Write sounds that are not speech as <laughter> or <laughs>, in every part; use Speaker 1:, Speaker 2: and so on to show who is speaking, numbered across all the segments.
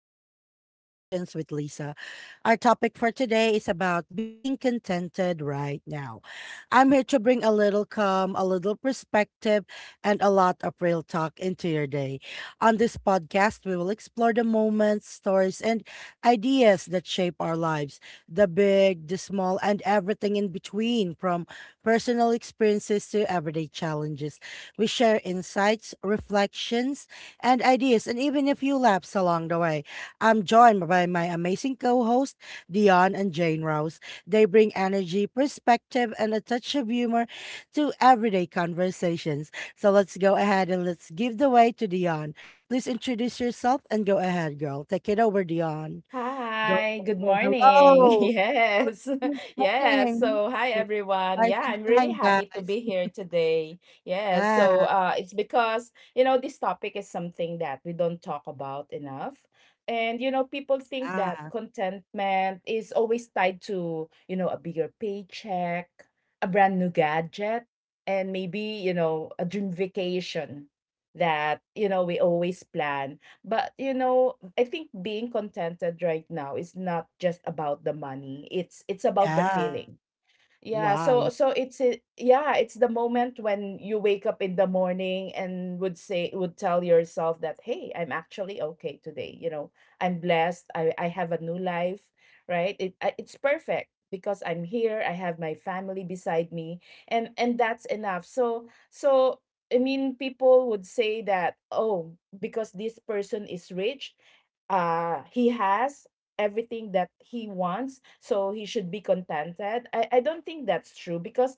Speaker 1: Everyday Reflections with Lisa. Our topic for today is about being contented right now. I'm here to bring a little calm, a little perspective, and a lot of real talk into your day. On this podcast, we will explore the moments, stories, and ideas that shape our lives, the big, the small, and everything in between, from personal experiences to everyday challenges. We share insights, reflections, and ideas, and even a few laps along the way. I'm joined by my amazing co hosts, Dion and Jane Rose. They bring energy, perspective, and a touch of humor to everyday conversations. So let's go ahead and let's give the way to Dion. Please introduce yourself and go ahead, girl. Take it over, Dion. Go,
Speaker 2: Hi,
Speaker 1: go,
Speaker 2: good
Speaker 1: go.
Speaker 2: morning. <laughs>
Speaker 1: Hello.
Speaker 2: Yes,
Speaker 1: Good
Speaker 2: <laughs> yes.
Speaker 1: morning.
Speaker 2: So, hi, everyone.
Speaker 1: Rise
Speaker 2: Yeah,
Speaker 1: and
Speaker 2: I'm really
Speaker 1: shine,
Speaker 2: happy to
Speaker 1: guys.
Speaker 2: be here today. Yes, so
Speaker 1: Yeah.
Speaker 2: uh, it's because, this topic is something that we don't talk about enough. And, people think that
Speaker 1: Yeah,
Speaker 2: contentment is always tied to, a bigger paycheck, a brand new gadget, and maybe, a dream vacation that, we always plan. But I think being contented right now is not just about the money. It's about the
Speaker 1: yeah.
Speaker 2: feeling. Yeah,
Speaker 1: Wow. Yeah.
Speaker 2: it's the moment when you wake up in the morning and would tell yourself that, "Hey, I'm actually okay today. I'm blessed. I have a new life, right? It's perfect because I'm here. I have my family beside me, and that's enough." So I mean, people would say that, "Oh, because this person is rich, he has everything that he wants, so he should be contented. I don't think that's true because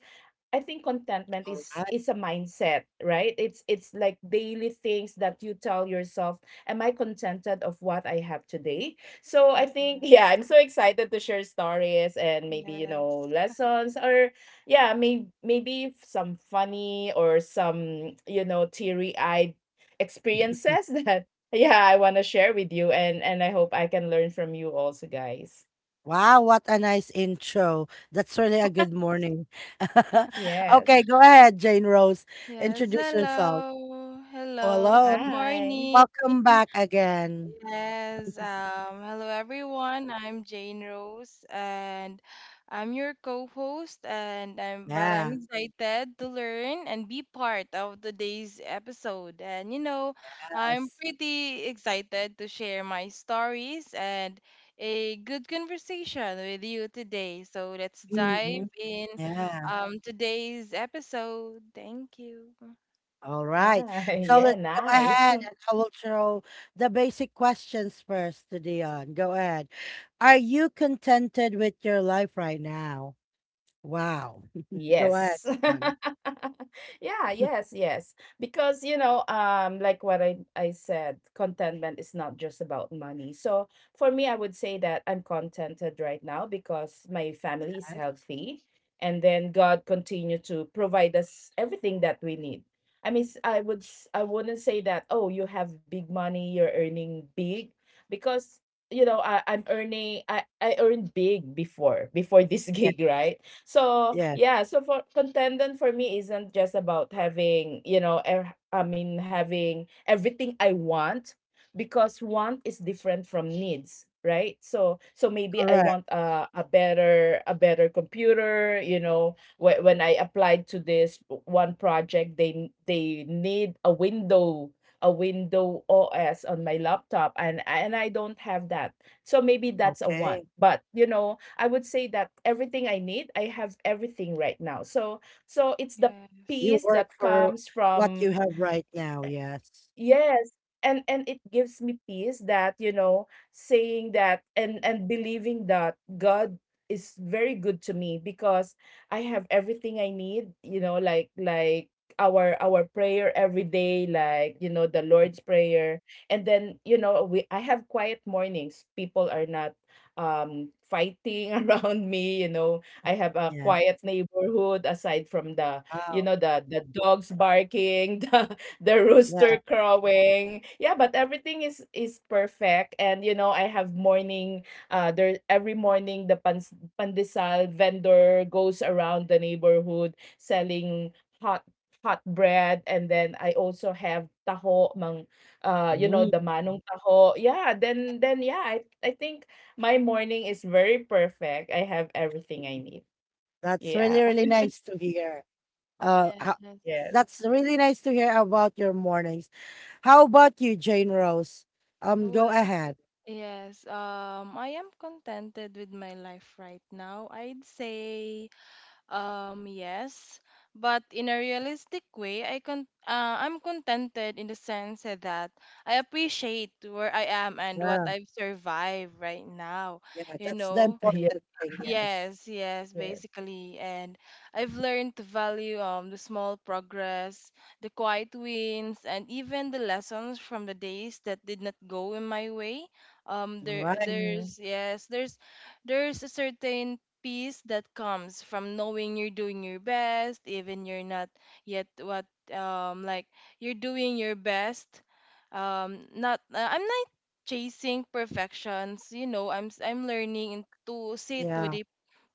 Speaker 2: I think contentment
Speaker 1: All
Speaker 2: is
Speaker 1: right.
Speaker 2: is a mindset, right? It's like daily things that you tell yourself, am I contented of what I have today?" So
Speaker 3: Oh,
Speaker 2: I think, <laughs> yeah,
Speaker 3: Yes.
Speaker 2: I'm so excited to share stories and maybe,
Speaker 3: Yes.
Speaker 2: lessons or yeah, maybe some funny or some, teary-eyed experiences <laughs> that yeah, I want to share with you, and I hope I can learn from you also, guys.
Speaker 1: Wow, what a nice intro. That's really a
Speaker 3: Yes.
Speaker 1: good morning. <laughs>
Speaker 2: Yes.
Speaker 1: Okay, go ahead, Jane Rose.
Speaker 3: Yes.
Speaker 1: Introduce yourself.
Speaker 3: Hello.
Speaker 1: Hello,
Speaker 3: Hello.
Speaker 1: hello.
Speaker 3: Good
Speaker 2: Hi.
Speaker 3: morning.
Speaker 1: Welcome back again.
Speaker 3: Yes, hello everyone. I'm Jane Rose and I'm your co-host and I'm but I'm
Speaker 1: Yeah.
Speaker 3: excited to learn and be part of today's episode. And you know, I'm
Speaker 1: Yes.
Speaker 3: pretty excited to share my stories and a good conversation with you today. So let's
Speaker 1: Mm-hmm.
Speaker 3: dive in
Speaker 1: Yeah.
Speaker 3: today's episode. Thank you.
Speaker 1: All right.
Speaker 2: Hi. <laughs>
Speaker 1: So let's
Speaker 2: Yeah,
Speaker 1: go ahead
Speaker 2: nice.
Speaker 1: and I will throw the basic questions first to Dion. Go ahead. Are you contented with your life right now? Wow. <laughs> Go ahead,
Speaker 2: Yes.
Speaker 1: Dion.
Speaker 2: <laughs> Yeah, yes, yes. Because, like what I said, contentment is not just about money. So for me, I would say that I'm contented right now because my family is
Speaker 1: Yes.
Speaker 2: healthy, and then God continue to provide us everything that we need. I mean, I wouldn't say that, oh, you have big money, you're earning big, because I'm earning I earned big before this <laughs>
Speaker 1: Yeah.
Speaker 2: gig, right? So
Speaker 1: Yes.
Speaker 2: yeah, so for contentment for me isn't just about having, I mean having everything I want, because want is different from needs, right? So so maybe I
Speaker 1: Correct.
Speaker 2: want a better computer, when I applied to this one project, they need a window OS on my laptop, and I don't have that. So maybe that's a want.
Speaker 1: Okay.
Speaker 2: But I would say that everything I need, I have everything right now. So so it's the
Speaker 3: Yes.
Speaker 1: You
Speaker 2: peace that
Speaker 1: work for
Speaker 2: comes
Speaker 1: what you
Speaker 2: from...
Speaker 1: have right now. Yes.
Speaker 2: Yes, and it gives me peace that, saying that and believing that God is very good to me because I have everything I need, like our prayer every day, like, the Lord's prayer. And then, you know, we I have quiet mornings. People are not fighting <laughs> around me, I have a
Speaker 1: Yes.
Speaker 2: quiet neighborhood aside from the,
Speaker 1: Wow.
Speaker 2: the dogs barking, <laughs> the
Speaker 1: Yeah.
Speaker 2: rooster crowing. Yeah, but everything is perfect. And I have morning, there. Every morning, the pandesal vendor goes around the neighborhood selling hot hot bread. And then I also have taho mang,
Speaker 1: Mhm.
Speaker 2: the manong taho. Yeah, then yeah, I think my morning is very perfect. I have everything I need.
Speaker 1: That's
Speaker 2: Yeah.
Speaker 1: really, really
Speaker 2: <laughs>
Speaker 1: nice to hear. Uh, ho-
Speaker 2: Yes.
Speaker 3: Yes.
Speaker 1: that's really nice to hear about your mornings. How about you, Jane Rose? Go
Speaker 3: Well,
Speaker 1: ahead.
Speaker 3: Yes, I am contented with my life right now. I'd say yes, but in a realistic way, I'm contented in the sense that I appreciate where I am and what
Speaker 1: Yeah,
Speaker 3: I've survived right now.
Speaker 1: yeah,
Speaker 3: You
Speaker 1: that's the
Speaker 3: know,
Speaker 2: <laughs> Yeah.
Speaker 1: important thing. Yes.
Speaker 3: yes, yes,
Speaker 2: Yes.
Speaker 3: basically. And I've learned to value the small progress, the quiet wins, and even the lessons from the days that did not go in my way. Um
Speaker 1: All
Speaker 3: there
Speaker 1: right.
Speaker 2: Mhm.
Speaker 3: there's yes, there's there's a certain peace that comes from knowing you're doing your best, even you're not yet what um like you're doing your best. Not I'm not chasing perfections. You know, I'm learning to sit with
Speaker 1: Yeah,
Speaker 3: a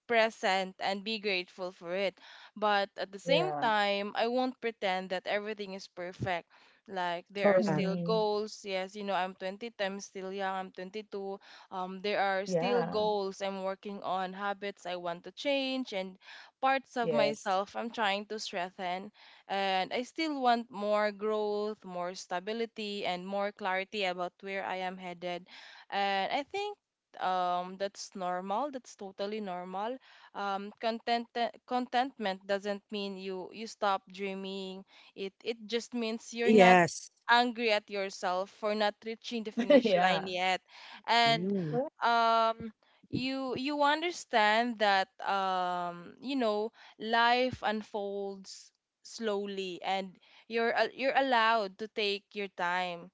Speaker 3: present and be grateful for it. But at the same
Speaker 2: Yeah.
Speaker 3: time, I won't pretend that everything is perfect. Like there are
Speaker 1: correct.
Speaker 3: still
Speaker 2: Hmm.
Speaker 3: goals. Yes, you know, I'm still young, I'm 22. There are still
Speaker 2: Yeah.
Speaker 3: goals I'm working on, habits I want to change, and parts of
Speaker 2: Yes.
Speaker 3: myself I'm trying to strengthen. And I still want more growth, more stability, and more clarity about where I am headed. And I think that's totally normal. um, content contentment doesn't mean you stop dreaming. It just means you're not
Speaker 1: Yes.
Speaker 3: angry at yourself for not reaching the
Speaker 2: <laughs>
Speaker 3: finish line
Speaker 2: Yeah.
Speaker 3: yet, and
Speaker 1: Mm,
Speaker 2: Well,
Speaker 3: um you understand that you know life unfolds slowly and you're allowed to take your time.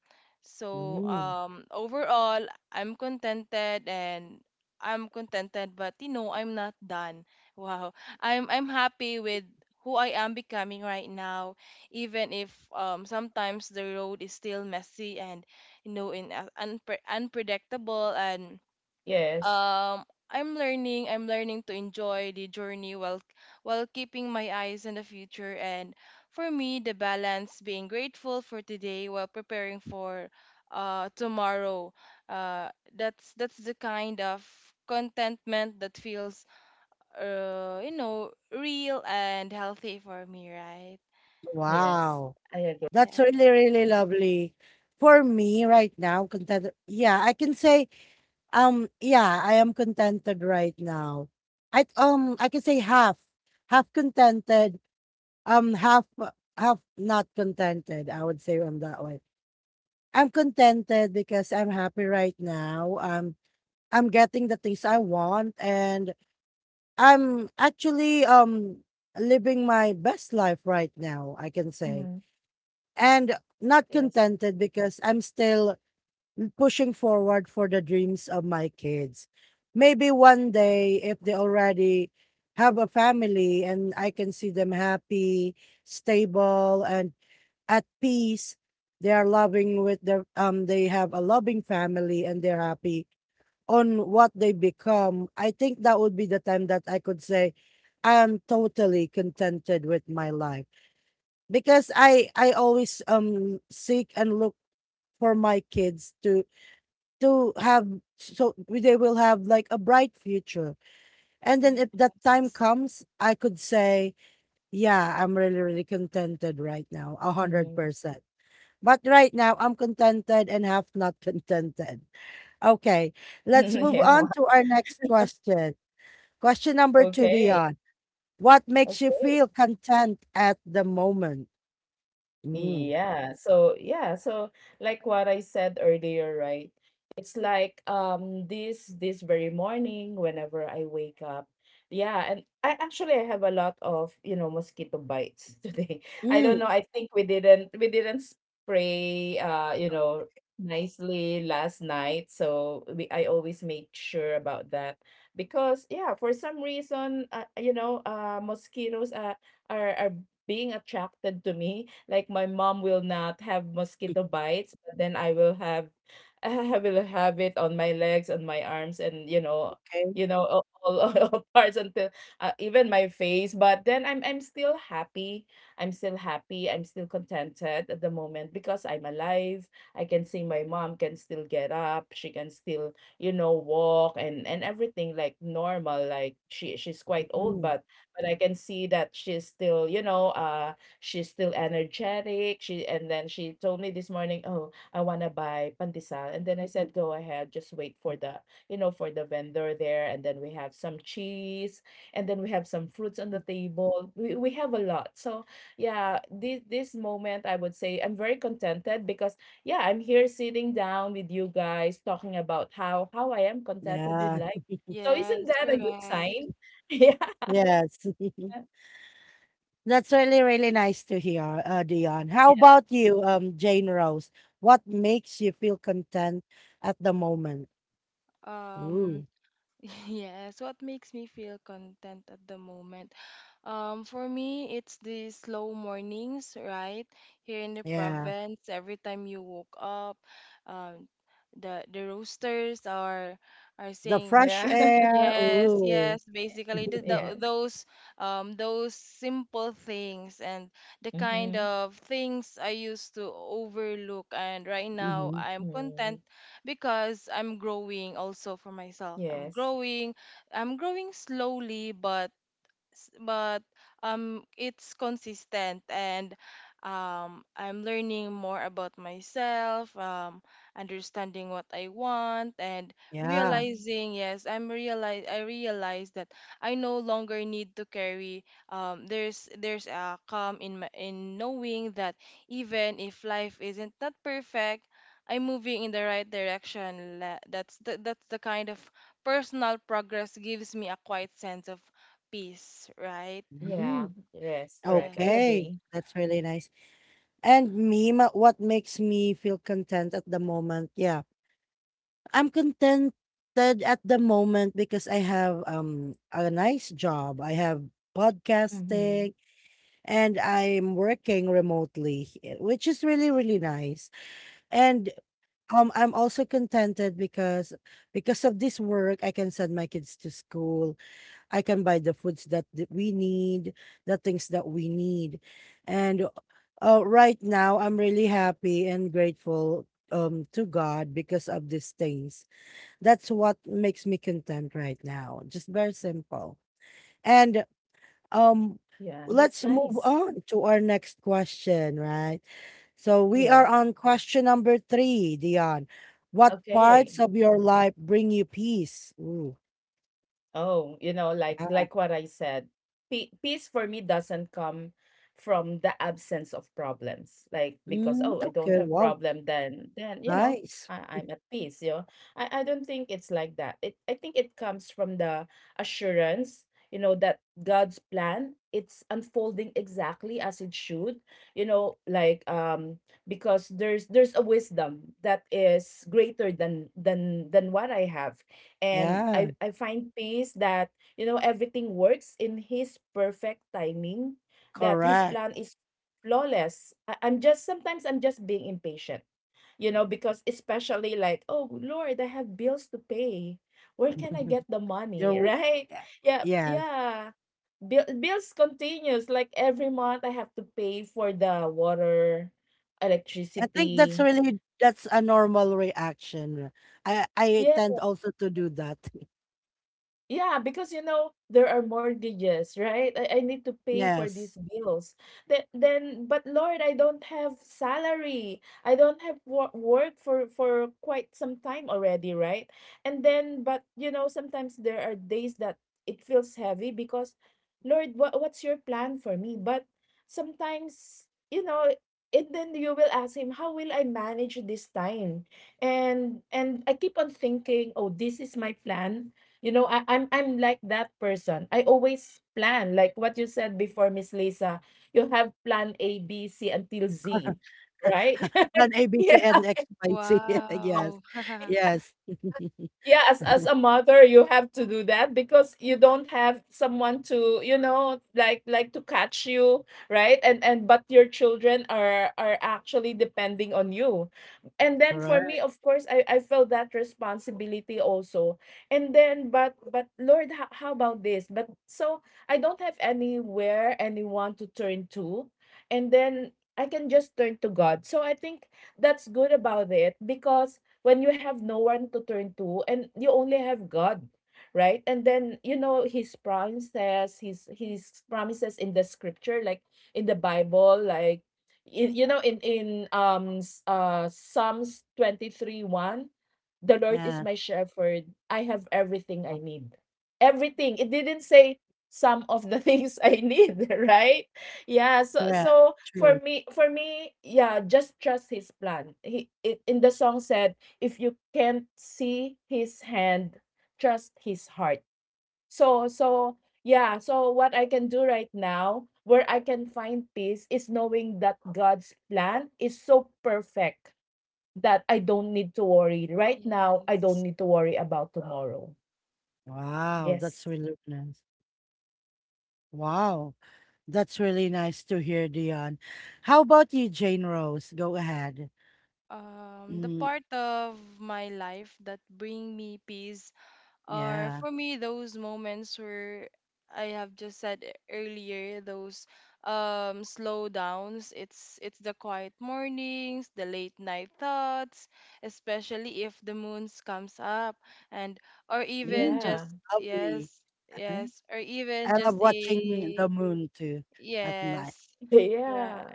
Speaker 3: So
Speaker 1: mm.
Speaker 3: overall i'm contented and I'm contented, but you know, I'm not done. Wow. I'm happy with who I am becoming right now, even if sometimes the road is still messy and you know unpredictable, and
Speaker 2: yes.
Speaker 3: um I'm learning to enjoy the journey while keeping my eyes on the future. And for me, the balance, being grateful for today while preparing for tomorrow, uh that's the kind of contentment that feels uh you know real and healthy for me, right?
Speaker 2: Yes.
Speaker 1: Wow.
Speaker 2: I agree.
Speaker 3: Yeah,
Speaker 1: That's really, really lovely. For me right now, content. Yeah, I can say. Yeah, I am contented right now. I can say half. Half contented, um half half not contented, I would say on that way. I'm contented because I'm happy right now. I'm getting the things I want and I'm actually living my best life right now, I can say.
Speaker 2: Mhm.
Speaker 1: And not
Speaker 2: Yes.
Speaker 1: contented because I'm still pushing forward for the dreams of my kids. Maybe one day, if they already have a family and I can see them happy, stable, and at peace, they are loving with their, they have a loving family and they're happy on what they become. I think that would be the time that I could say, I am totally contented with my life because I always seek and look for my kids to have, so they will have like a bright future. And then if that
Speaker 3: yes,
Speaker 1: time comes, I could say, yeah, I'm really, really contented right now, a hundred
Speaker 2: Mhm.
Speaker 1: percent But right now, I'm contented and half not contented. Okay, let's move
Speaker 2: <laughs>
Speaker 1: on
Speaker 2: Yeah.
Speaker 1: to our next question. Question number two,
Speaker 2: Okay.
Speaker 1: Dion, what makes you
Speaker 2: Okay.
Speaker 1: feel content at the moment? Mm.
Speaker 2: Yeah. So yeah. So like what I said earlier, right? It's like, this very morning whenever I wake up. Yeah, and I actually I have a lot of, mosquito bites <laughs> today. I don't
Speaker 1: Mm.
Speaker 2: know. I think we didn't spray nicely last night. So we I always make sure about that because yeah, for some reason, mosquitoes, are being attracted to me, like my mom will not have mosquito bites, but then I will have, <laughs> I will have it on my legs, on my arms, and
Speaker 1: Okay.
Speaker 2: you know, all, all, <laughs> all parts, until, even my face. But then I'm still happy. I'm still happy. I'm still contented at the moment because I'm alive. I can see my mom can still get up. She can still, walk and everything like normal. Like she's quite old,
Speaker 1: Mm.
Speaker 2: but I can see that she's still, she's still energetic. She and Then she told me this morning, "Oh, I want to buy pandesal." And then I said, "Go ahead, just wait for the, for the vendor there." And then we have some cheese, and then we have some fruits on the table. We have a lot. So yeah, this moment, I would say I'm very contented because yeah, I'm here sitting down with you guys talking about how I am contented with
Speaker 1: Yeah.
Speaker 2: life. So, isn't
Speaker 3: yes,
Speaker 2: that a good
Speaker 3: correct.
Speaker 2: sign? <laughs> Yeah.
Speaker 1: Yes. <laughs> That's really, really nice to hear, Dion. How
Speaker 2: Yeah.
Speaker 1: about you, Jane Rose? What makes you feel content at the moment?
Speaker 3: Um
Speaker 1: Ooh,
Speaker 3: <laughs> yes What makes me feel content at the moment? For me, it's the slow mornings, right? Here in the
Speaker 1: yeah.
Speaker 3: province, every time you woke up, um, the roosters are
Speaker 1: The
Speaker 3: saying,
Speaker 1: fresh
Speaker 2: Yeah. <laughs>
Speaker 1: air.
Speaker 3: yes,
Speaker 1: Ooh.
Speaker 3: yes. Basically,
Speaker 2: Yes.
Speaker 1: <laughs>
Speaker 2: Yes.
Speaker 3: those simple things and the kind
Speaker 2: Mhm,
Speaker 3: of things I used to overlook, and right now
Speaker 1: Hmm.
Speaker 3: I'm
Speaker 2: mm,
Speaker 3: content because I'm growing also for myself. I'm
Speaker 2: yes.
Speaker 3: growing, I'm growing slowly, but s- but it's consistent, and I'm learning more about myself, understanding what I want, and
Speaker 1: Yeah.
Speaker 2: Mhm.
Speaker 3: realizing yes I'm realize I realize that I no longer need to carry. Um there's a calm in knowing that even if life isn't not perfect, I'm moving in the right direction. That's the kind of personal progress, gives me a quiet sense of peace, right?
Speaker 2: Yeah,
Speaker 1: Mhm.
Speaker 2: yes, correct. I
Speaker 3: Yes.
Speaker 1: Okay.
Speaker 2: agree.
Speaker 1: That's really nice. And me, what makes me feel content at the moment? Yeah. I'm contented at the moment because I have a nice job. I have
Speaker 2: Mhm.
Speaker 1: podcasting, and I'm working remotely, eh, which is really, really nice. And I'm also contented because of this work, I can send my kids to school. I can buy the foods that we need, the things that we need, and right now I'm really happy and grateful to God because of these things. That's what makes me content right now. Just very simple. And um,
Speaker 2: Yeah, that's
Speaker 1: let's move
Speaker 2: nice.
Speaker 1: on to our next question, right? So we are
Speaker 2: Yes.
Speaker 1: on question number three, Dion. What
Speaker 2: Okay.
Speaker 1: parts of your life bring you peace? Ooh,
Speaker 2: Oh, like
Speaker 1: yeah.
Speaker 2: what I said, peace for me doesn't come from the absence of problems. Like, because, oh,
Speaker 1: Mm,
Speaker 2: I don't
Speaker 1: okay,
Speaker 2: have
Speaker 1: wow,
Speaker 2: problem, then
Speaker 1: nice.
Speaker 2: I'm at peace. You know, I don't think it's like that. It I think it comes from the assurance, that God's plan, it's unfolding exactly as it should. You know, like, because there's a wisdom that is greater than than what I have, and
Speaker 1: Yeah,
Speaker 2: I find peace that, everything works in his perfect timing, that his
Speaker 1: correct.
Speaker 2: plan is flawless. I'm just sometimes I'm just being impatient, because especially like, oh, Lord, I have bills to pay. Where can I get
Speaker 1: <laughs>
Speaker 2: the
Speaker 1: You're,
Speaker 2: money, <laughs>
Speaker 1: w-
Speaker 2: right?
Speaker 1: yeah,
Speaker 2: Yeah,
Speaker 1: yeah.
Speaker 2: yeah. Bills continues, like every month I have to pay for the water,
Speaker 1: I think that's
Speaker 2: electricity.
Speaker 1: really, that's a normal reaction. I
Speaker 2: Yeah.
Speaker 1: tend also to do that. <laughs>
Speaker 2: Yeah, because there are mortgages, right? I need to pay for these
Speaker 1: Yes.
Speaker 2: bills. Then, but Lord, I don't have salary. I don't have work for quite some time already, right? And then, but sometimes there are days that it feels heavy because, Lord, what's your plan for me? But sometimes, you know, and then you will ask him, how will I manage this time? And I keep on thinking, oh, this is my plan. I'm like that person. I always plan, like what you said before, Miss Lisa. You have plan A, B, C until Z,
Speaker 1: <laughs>
Speaker 2: right? <laughs>
Speaker 1: Plan A, B, C,
Speaker 2: Yeah.
Speaker 1: and X, Y, Z. <laughs> Yes.
Speaker 3: Wow. <laughs>
Speaker 2: Okay.
Speaker 1: Yes.
Speaker 2: Yeah, as a mother, you have to do that because you don't have someone to, like to catch you, right? And but your children are actually depending on you. And then for
Speaker 1: Correct.
Speaker 2: me, of course, I felt that responsibility also. And then, but Lord, how about this? But so I don't have anywhere, anyone to turn to. And then I can just turn to God. So I think that's good about it, because when you have no one to turn to and you only have God, right? And then you know his promises, his promises in the scripture, like in the Bible, like in, in Psalms 23:1, the Lord is
Speaker 1: Yeah.
Speaker 2: my shepherd. I have everything I need. Everything. It didn't say some of the <laughs> things I need, <laughs> right? Yeah. So
Speaker 1: Yeah. True.
Speaker 2: for me, yeah, just trust his plan. He it, in the song said, if you can't see his hand, trust his heart. So so yeah, so what I can do right now, where I can find peace, is knowing that God's plan is so perfect that I don't need to worry right now. I don't
Speaker 3: Yes.
Speaker 2: need to worry about tomorrow.
Speaker 1: Wow. That's
Speaker 2: Yes.
Speaker 1: really nice. Wow. That's really nice to hear, Dion. How about you, Jane Rose? Go ahead.
Speaker 3: The
Speaker 1: Mm,
Speaker 3: part of my life that bring me peace are,
Speaker 1: yeah.
Speaker 3: for me, those moments where I have just said earlier, those slow downs. It's the quiet mornings, the late night thoughts, especially if the moons comes up and or even
Speaker 1: Mm,
Speaker 2: Yeah.
Speaker 3: just
Speaker 1: lovely. <laughs>
Speaker 3: yes,
Speaker 1: Uh-huh.
Speaker 3: yes, or
Speaker 1: I
Speaker 3: even
Speaker 1: love
Speaker 3: just
Speaker 1: watching the
Speaker 3: a
Speaker 1: moon too at night.
Speaker 3: yes,
Speaker 2: <laughs>
Speaker 3: yeah,
Speaker 2: Yeah.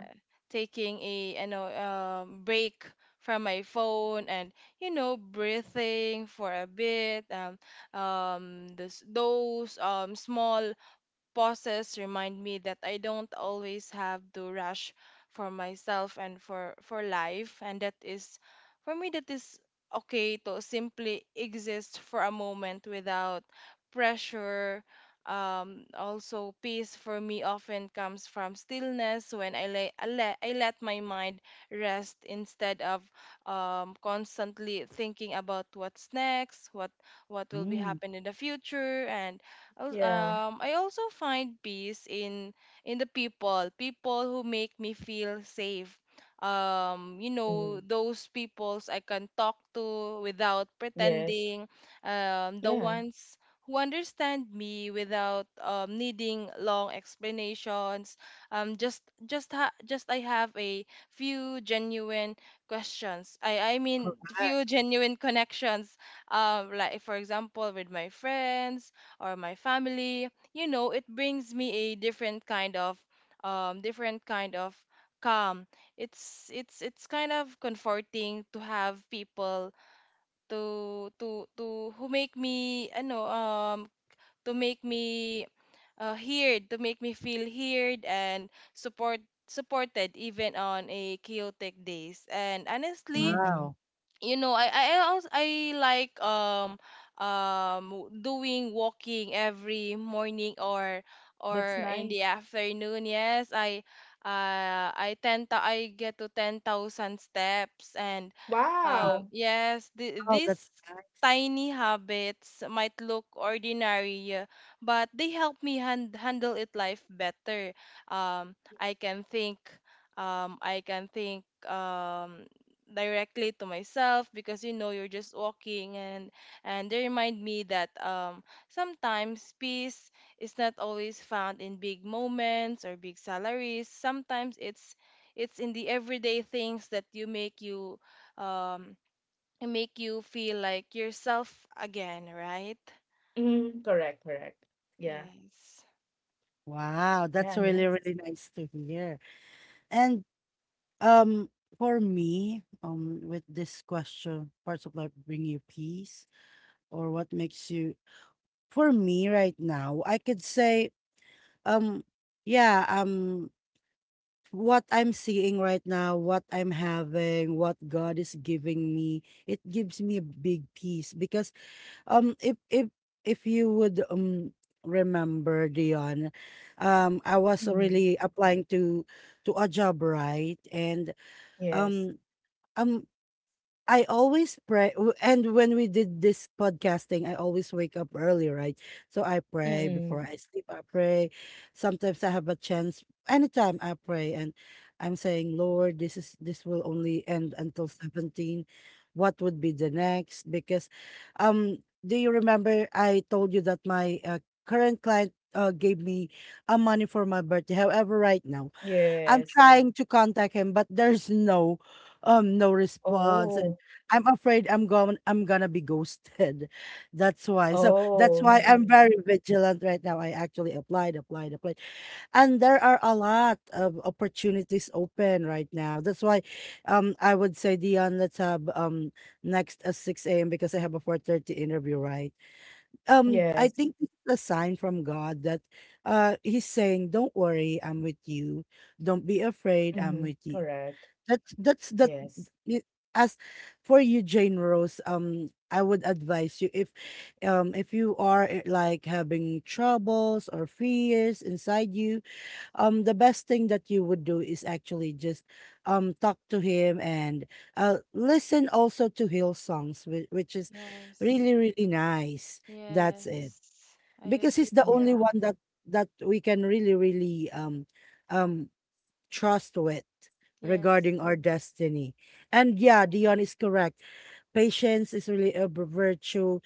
Speaker 3: taking a you know break from my phone and you know breathing for a bit. This, those small pauses remind me that I don't always have to rush for myself and for life, and that is, for me, that is okay to simply exist for a moment without pressure. Also, peace for me often comes from stillness when I let my mind rest instead of constantly thinking about what's next, what will be
Speaker 1: Mm,
Speaker 3: happen in the future. And
Speaker 2: Yeah.
Speaker 3: I also find peace in the people, people who make me feel safe. You
Speaker 2: Mm.
Speaker 3: know, those peoples I can talk to without
Speaker 2: Yes.
Speaker 3: pretending. The
Speaker 2: Yeah.
Speaker 3: ones who understand me without needing long explanations. Just ha- just I have a few genuine questions. I mean, few
Speaker 1: correct.
Speaker 3: genuine connections, like for example with my friends or my family, you know it brings me a different kind of um different kind of calm. It's kind of comforting to have people to who make me I know to make me heard to make me feel heard and support supported even on a chaotic days. And honestly,
Speaker 2: Mm.
Speaker 1: Wow.
Speaker 3: you know, I like doing walking every morning
Speaker 2: That's
Speaker 3: or in
Speaker 2: nice.
Speaker 3: the afternoon. Yes, I get to 10,000 steps and
Speaker 2: Wow.
Speaker 3: yes,
Speaker 1: Wow,
Speaker 3: these
Speaker 1: that's nice.
Speaker 3: tiny habits might look ordinary, but they help me handle it life better. Um, I can think, I can think directly to myself because you know you're just walking, and they remind me that sometimes peace is not always found in big moments or big salaries. Sometimes it's in the everyday things that you make you um make you feel like yourself again, right?
Speaker 2: Mm. Correct, correct. Yeah.
Speaker 3: Yes.
Speaker 1: Wow, that's
Speaker 2: Yeah,
Speaker 1: really, really
Speaker 2: nice.
Speaker 1: nice to hear. And um, for me, with this question, parts of life bring you peace, or what makes you. For me right now, I could say, um yeah, what I'm seeing right now, what I'm having, what God is giving me, it gives me a big peace. Because if if you would remember, Dion, I was
Speaker 2: Mhm.
Speaker 1: really applying to a job, right? And
Speaker 2: Yes.
Speaker 1: um um, I always pray, and when we did this podcasting, I always wake up early, right? So I pray before
Speaker 2: Mm.
Speaker 1: I sleep. I pray. Sometimes I have a chance. Anytime I pray, and I'm saying, Lord, this is, this will only end until 17. What would be the next? Because, do you remember I told you that my current client gave me a money for my birthday? However, right now I'm
Speaker 2: Yes.
Speaker 1: trying to contact him, but there's no no response. And
Speaker 2: Oh.
Speaker 1: I'm afraid I'm going, I'm gonna be ghosted. <laughs> That's why. So that's
Speaker 2: Oh.
Speaker 1: why I'm
Speaker 2: Is
Speaker 1: very vigilant right now. I actually applied, applied, applied. And there are a lot of opportunities open right now. That's why I would say, Dion, let's have next at 6 AM because I have a 4:30 interview, right? I think
Speaker 2: yes.
Speaker 1: this is a sign from God that he's saying, don't worry, I'm with you. Don't be afraid, I'm with
Speaker 2: Mhm.
Speaker 1: you.
Speaker 2: Correct.
Speaker 1: That's that's that
Speaker 2: Yes.
Speaker 1: y- as for you, Jane Rose, I would advise you, if you are eh, like having troubles or fears inside you, the best thing that you would do is actually just talk to him and listen also to hill songs, which is
Speaker 3: Yes.
Speaker 1: really, really nice. That's it,
Speaker 3: Yes. I
Speaker 1: because
Speaker 3: agree.
Speaker 1: he's the only
Speaker 2: Yeah.
Speaker 1: one that that we can really, really um trust with
Speaker 3: Yes.
Speaker 1: regarding our destiny. And yeah, Dion is correct, patience is really a virtue,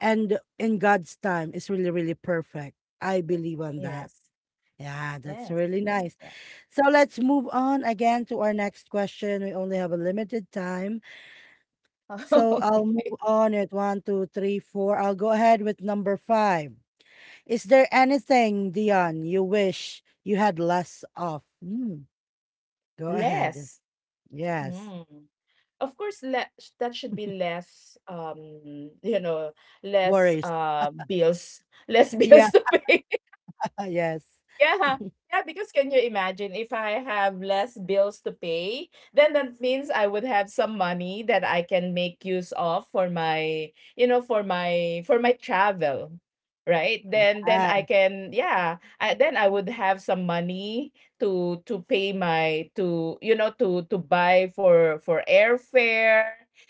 Speaker 1: and in God's time is really, really perfect. I believe on that.
Speaker 2: Yes.
Speaker 1: Yeah, that's
Speaker 2: Yes.
Speaker 1: really nice.
Speaker 2: Yeah.
Speaker 1: So let's move on again to our next question. We only have a limited time, so
Speaker 2: <laughs>
Speaker 1: I'll move
Speaker 2: Okay.
Speaker 1: on at one two three four, I'll go ahead with number five. Is there anything, Dion, you wish you had less of? Mm, go ahead.
Speaker 2: Less.
Speaker 1: Yes.
Speaker 2: Mm. Of course, le sh that should be less, less,
Speaker 1: Worries.
Speaker 2: bills. Less <laughs>
Speaker 1: Yeah.
Speaker 2: bills to pay.
Speaker 1: <laughs> Yes.
Speaker 2: Yeah. Yeah, because can you imagine if I have less bills to pay, then that means I would have some money that I can make use of for my, for my travel, right?
Speaker 1: Yeah.
Speaker 2: Then I can, yeah, then I would have some money to pay my to you know to buy for airfare,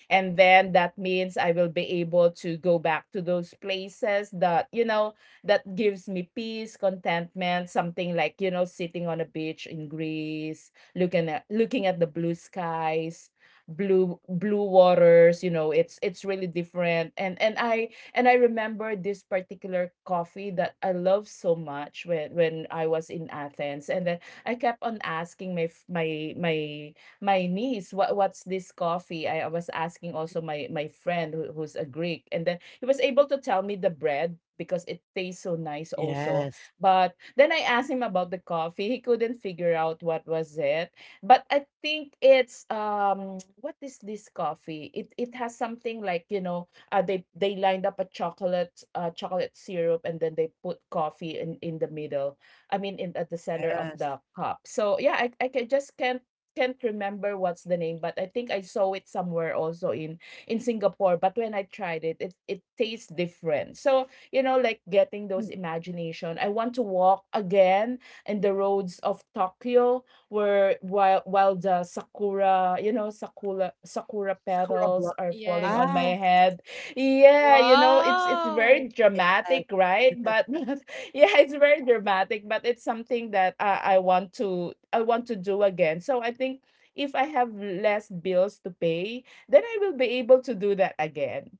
Speaker 2: and then that means I will be able to go back to those places that, you know, that gives me peace, contentment, something like, you know, sitting on a beach in Greece, looking at the blue skies, blue waters. You know, it's really different. And I remember this particular coffee that I love so much when I was in Athens. And then I kept on asking my my niece, what's this coffee? I was asking also my friend who, who's a Greek, and then he was able to tell me the bread because it tastes so nice also.
Speaker 1: Yes.
Speaker 2: But then I asked him about the coffee. He couldn't figure out what was it. But I think it's, what is this coffee? It has something like, you know, they lined up a chocolate, chocolate syrup, and then they put coffee in the middle. I mean in, at the center of
Speaker 1: Yes.
Speaker 2: the cup. So yeah, I just can't remember what's the name, but I think I saw it somewhere also in Singapore, but when I tried it, it tastes different. So, you know, like getting those
Speaker 1: Mm,
Speaker 2: imagination. I want to walk again in the roads of Tokyo where while the sakura, you know, sakura
Speaker 1: Sakura
Speaker 2: petals
Speaker 1: block.
Speaker 2: are falling on
Speaker 1: Ah.
Speaker 3: Yes.
Speaker 2: my head. Yeah, you know, it's very
Speaker 3: Wow.
Speaker 2: dramatic, right? But
Speaker 1: <laughs>
Speaker 2: <laughs> yeah, it's very dramatic, but it's something that I want to do again. So I think if I have less bills to pay, then I will be able to do that again.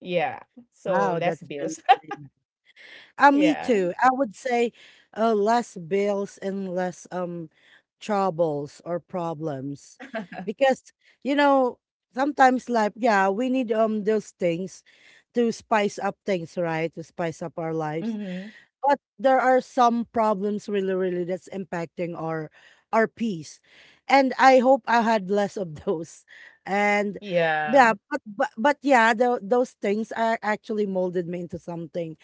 Speaker 2: Yeah. So
Speaker 1: Wow.
Speaker 2: less
Speaker 1: That's really,
Speaker 2: bills. <laughs>
Speaker 1: really me
Speaker 2: Yeah.
Speaker 1: too. I would say less bills and less troubles or problems. Because, you know, sometimes life, yeah, we need those things to spice up things, right? To spice up our lives.
Speaker 2: Mm-hmm.
Speaker 1: But there are some problems really, really that's impacting our peace. And I hope I had less of those. And
Speaker 2: Yeah.
Speaker 1: yeah, but, but yeah, tho- those things are actually molded me into something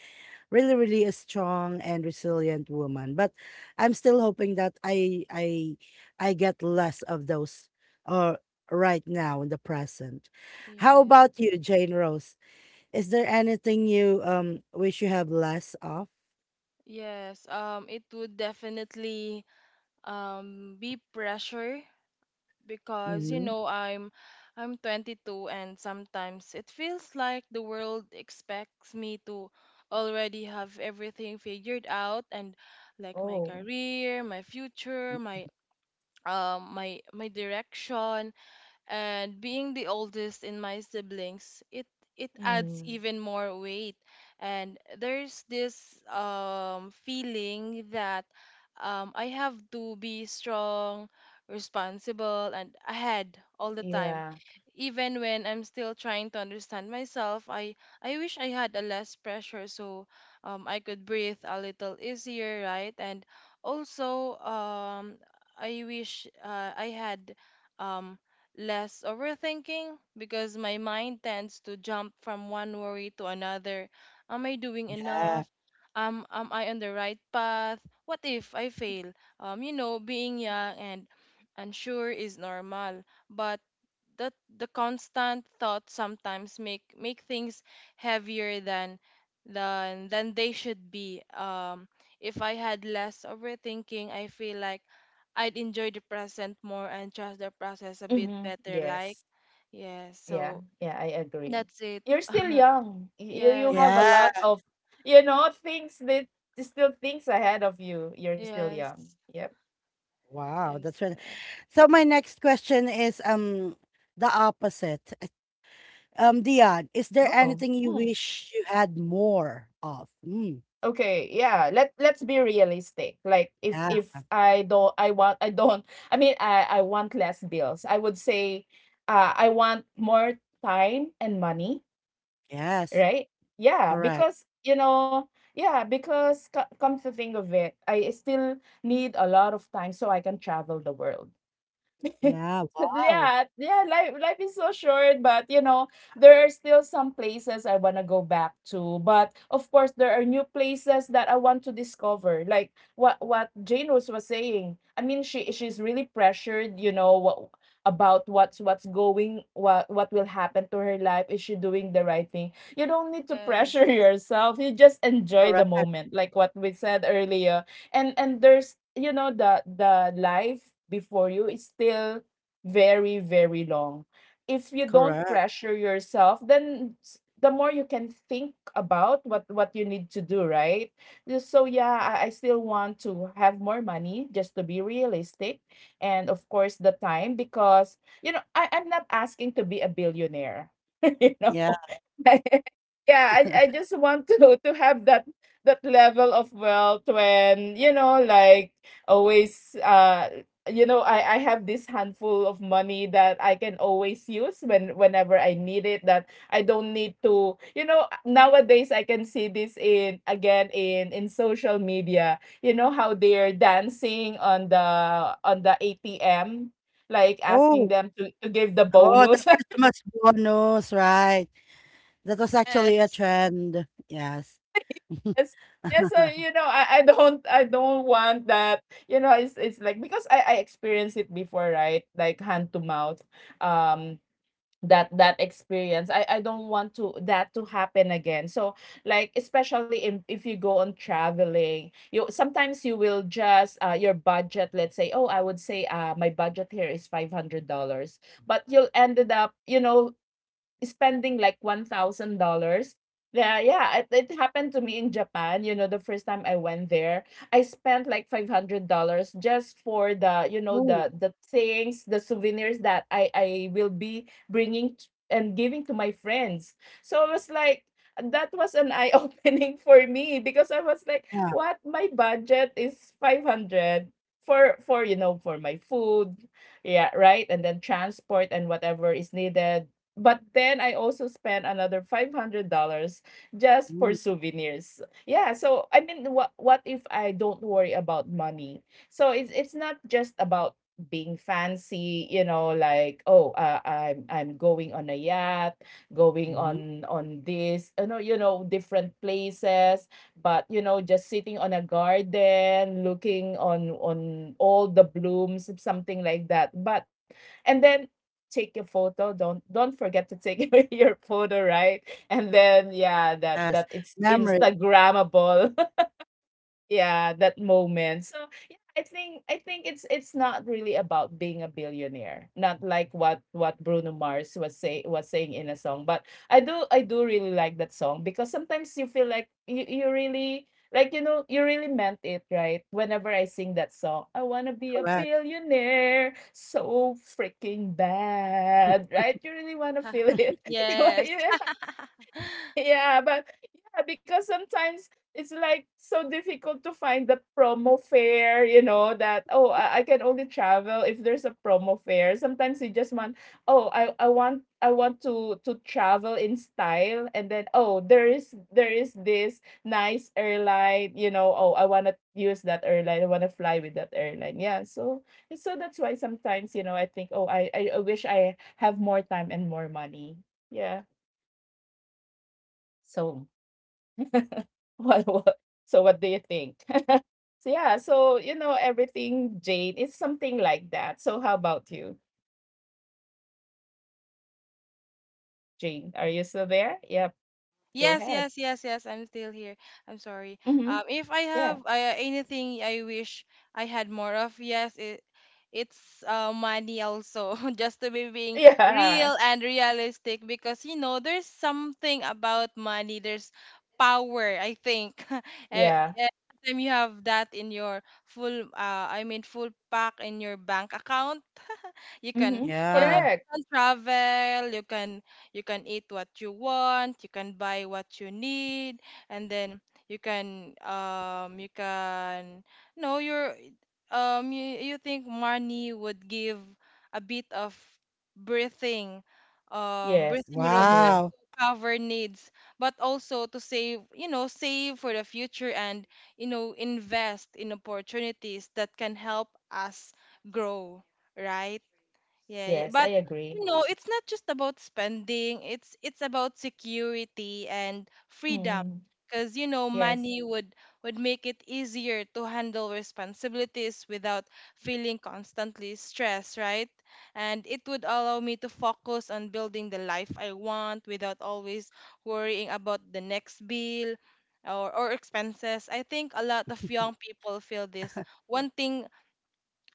Speaker 1: really, really a strong and resilient woman. But I'm still hoping that I get less of those, or right now in the present. How
Speaker 3: Yeah.
Speaker 1: about you, Jane Rose? Is there anything you wish you have less of?
Speaker 3: Yes. It would definitely be pressure because you
Speaker 1: Hmm.
Speaker 3: know I'm I'm 22 and sometimes it feels like the world expects me to already have everything figured out, and like my
Speaker 2: Oh.
Speaker 3: career, my future, my direction. And being the oldest in my siblings, it adds
Speaker 2: Mm.
Speaker 3: even more weight, and there's this feeling that I have to be strong, responsible, and ahead all the
Speaker 2: Yeah.
Speaker 3: time, even when I'm still trying to understand myself. I wish I had a less pressure, so I could breathe a little easier, right? And also I wish I had um less overthinking because my mind tends to jump from one worry to another. Am I doing enough?
Speaker 1: Yeah.
Speaker 3: Am I on the right path? What if I fail? You know, being young and unsure is normal, but the the constant thoughts sometimes make things heavier than than they should be. If I had less overthinking, I feel like I'd enjoy the present more and trust the process a bit
Speaker 2: Mm-hmm.
Speaker 3: better. Like,
Speaker 2: Yes.
Speaker 3: yeah,
Speaker 2: Yeah.
Speaker 3: so
Speaker 2: Yeah, I agree.
Speaker 3: that's it.
Speaker 2: You're still young. You
Speaker 3: Yes,
Speaker 2: have a
Speaker 1: Yeah.
Speaker 2: lot of, you know, things that still things ahead of you. You're still young.
Speaker 3: yes,
Speaker 2: Yep.
Speaker 1: Wow, that's
Speaker 3: yes,
Speaker 1: right.
Speaker 3: yeah.
Speaker 1: So my next question is the opposite. <laughs> Dion, is there
Speaker 2: Oh.
Speaker 1: anything you wish you had more of? Mm,
Speaker 2: Okay, yeah. Let's be realistic. Like
Speaker 1: yeah.
Speaker 2: if I don't I want I don't <laughs> I mean I want less bills. I would say, I want more time and money,
Speaker 1: Yes.
Speaker 2: right? Yeah,
Speaker 1: Correct.
Speaker 2: because you know, yeah, because come to think of it, I still need a lot of time so I can travel the world. <laughs>
Speaker 1: Yeah, wow.
Speaker 2: Yeah, yeah, life is so short, but you know, there are still some places I want to go back to. But of course, there are new places that I want to discover. Like what Jane Rose was saying. I mean, she's really pressured, you know, what about what's going what will happen to her life? Is she doing the right thing? You don't need to pressure <laughs>
Speaker 3: Yes,
Speaker 2: yourself, you just enjoy the
Speaker 1: Correct,
Speaker 2: moment like what we said earlier. And there's, you know, the life before you is still very long. If you don't
Speaker 1: correct.
Speaker 2: pressure yourself, then the more you can think about what you need to do, right? So yeah, I still want to have more money just to be realistic, and of course the time, because you know, I'm not asking to be a billionaire. <laughs> You know.
Speaker 1: Yeah.
Speaker 2: <laughs> Yeah, I
Speaker 1: <laughs>
Speaker 2: just want to have that, that level of wealth when, you know, like always, you know, I have this handful of money that I can always use whenever I need it, that I don't need to, you know. Nowadays I can see this in, again, in social media, you know, how they're dancing on the ATM, like asking
Speaker 1: Oh,
Speaker 2: them to give the
Speaker 1: oh, the
Speaker 2: bonus. <laughs>
Speaker 1: Christmas bonus, right. That was actually a
Speaker 3: yes,
Speaker 1: trend. Yes.
Speaker 2: Yes. Yes,
Speaker 1: <laughs>
Speaker 2: so you know, I don't want that. You know, it's like because I experienced it before, right? Like hand to mouth. Um that, that experience. I don't want to that to happen again. So like especially if you go on traveling, you sometimes you will just, your budget, let's say, oh, I would say, my budget here is $500, but you'll ended up, you know, spending like $1,000. Yeah, yeah, it happened to me in Japan. You know, the first time I went there, I spent like $500 just for the, you know,
Speaker 1: Oh,
Speaker 2: the things, the souvenirs that I will be bringing and giving to my friends. So I was like, that was an eye opening <laughs> for me because I was like,
Speaker 1: yeah.
Speaker 2: what? My budget is 500 for my food, yeah, right, and then transport and whatever is needed, but then I also spent another $500 just for
Speaker 1: Mm,
Speaker 2: souvenirs. Yeah, so I mean, what if I don't worry about money? So it's not just about being fancy, you know, like oh, I'm going on a yacht, going
Speaker 1: mhm.
Speaker 2: on this, you know, different places. But you know, just sitting on a garden, looking on all the blooms, something like that. But, and then take a photo. Don't forget to take <laughs> your photo, right? And then yeah,
Speaker 1: Yes.
Speaker 2: that, it's
Speaker 1: Memories.
Speaker 2: instagrammable. <laughs>
Speaker 1: Correct.
Speaker 2: Yeah, that
Speaker 1: I love
Speaker 2: moment.
Speaker 1: it.
Speaker 2: So yeah,
Speaker 1: And
Speaker 2: I think it's not really about
Speaker 1: hmm,
Speaker 2: being a billionaire, not like what Bruno Mars was saying in a song. But I do really like that song because sometimes you feel like you really, like, you know, you really meant it, right? Whenever I sing that song, I want
Speaker 1: correct.
Speaker 2: to be a billionaire so freaking bad, right? You really want to feel
Speaker 3: <laughs>
Speaker 2: it. <laughs> You,
Speaker 3: yes. <laughs>
Speaker 2: yeah, but yeah, because sometimes it's like so difficult to find that promo fare, you know, that oh, I can only travel if there's a promo fare. Sometimes you just want, oh, I want to travel in style, and then oh, there is this nice airline, you know, oh, I want to use that airline. I want to fly with that airline. Yeah, so that's why sometimes, you know, I think, oh, I wish I have more time and more money. Yeah. So <laughs> what, what? So what do you think? <laughs> So yeah, so you know everything, Jane. It's something like that. So how about you, Jane? Are you still there? Yep. Go
Speaker 3: Yes,
Speaker 2: ahead.
Speaker 3: yes, yes, yes. I'm still here. I'm sorry.
Speaker 2: Mm-hmm.
Speaker 3: If I
Speaker 2: Yeah.
Speaker 3: have anything I wish I had more of, yes, it's money also. <laughs> Just to be
Speaker 2: <laughs>
Speaker 3: being
Speaker 2: Yeah.
Speaker 3: real and realistic, because you know there's something about money. There's power, I think. <laughs> Eh,
Speaker 2: Yeah.
Speaker 3: eh, Every time you have that in your full, I mean, full pack in your bank account, you can
Speaker 2: Mm-hmm.
Speaker 3: you know
Speaker 1: Yeah.
Speaker 3: you
Speaker 2: Correct.
Speaker 3: can travel, you can eat what you want, you can buy what you need, and then you can no you're you, you think money would give a bit of breathing
Speaker 2: Yes.
Speaker 3: breathing room just
Speaker 2: Agree.
Speaker 1: Wow.
Speaker 3: to cover needs, but also to save, you know, save for the future, and you know invest in opportunities that can help us grow, right? Yeah, yeah,
Speaker 2: Yes, I
Speaker 3: but
Speaker 2: agree.
Speaker 3: you know, it's not just about spending, it's about security and freedom.
Speaker 2: Mm.
Speaker 3: Because you know,
Speaker 2: Yes.
Speaker 3: money would make it easier to handle responsibilities without feeling constantly stressed, right? And it would allow me to focus on building the life I want without always worrying about the next bill or expenses. I think a lot of young people feel this wanting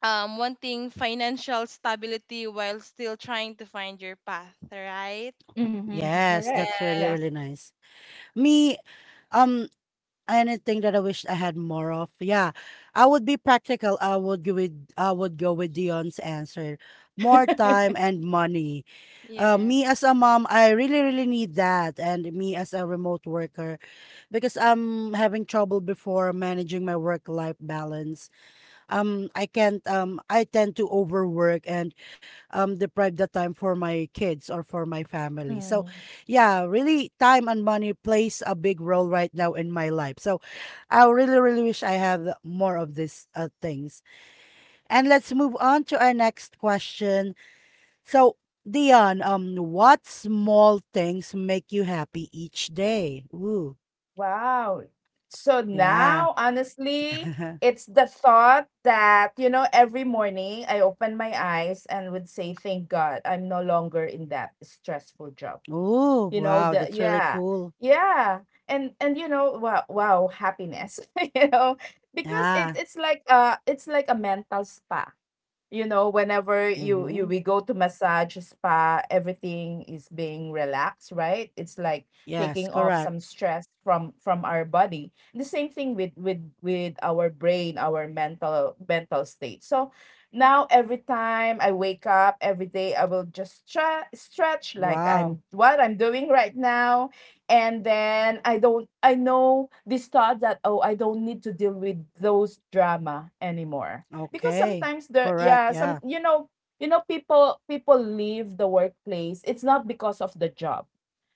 Speaker 3: wanting, financial stability while still trying to find your path, right?
Speaker 2: Mm-hmm.
Speaker 1: Yes,
Speaker 2: Correct.
Speaker 1: that's really,
Speaker 2: Yeah.
Speaker 3: Yes.
Speaker 1: really nice. Me, um, anything that I wish I had more of. Yeah. I would be practical. I would go with Dion's answer. More time and money.
Speaker 3: Yes.
Speaker 1: Me as a mom, I really, really need that. And me as a remote worker, because I'm having trouble before managing my work-life balance. I can't I tend to overwork and deprive the time for my kids or for my family. So
Speaker 2: Mm.
Speaker 1: yeah, really time and money plays a big role right now in my life. So I really, really wish I have more of these things. And let's move on to our next question. So Dion, what small things make you happy each day? Ooh,
Speaker 2: Wow. So
Speaker 1: yeah.
Speaker 2: now, honestly,
Speaker 1: <laughs>
Speaker 2: it's the thought that, you know, every morning I open my eyes and would say, thank God I'm no longer in that stressful job.
Speaker 1: Ooh,
Speaker 2: You know,
Speaker 1: wow,
Speaker 2: the
Speaker 1: that's really
Speaker 2: yeah.
Speaker 1: cool.
Speaker 2: Yeah. And you know, wow, wow, happiness, <laughs> you know, because
Speaker 1: Yeah.
Speaker 2: it's like, it's like a mental spa, you know, whenever you you
Speaker 1: Mm-hmm.
Speaker 2: we go to massage spa, everything is being relaxed, right? It's like
Speaker 1: Yes,
Speaker 2: taking off
Speaker 1: correct.
Speaker 2: some stress from our body. The same thing with our brain, our mental state. So now every time I wake up every day, I will just stretch like
Speaker 1: Wow.
Speaker 2: I'm what I'm doing right now, and then I don't I know this thought that, oh, I don't need to deal with those drama anymore, because
Speaker 1: Okay.
Speaker 2: sometimes the
Speaker 1: Correct.
Speaker 2: yeah, some,
Speaker 1: Yeah.
Speaker 2: you know, people, people leave the workplace. It's not because of the job,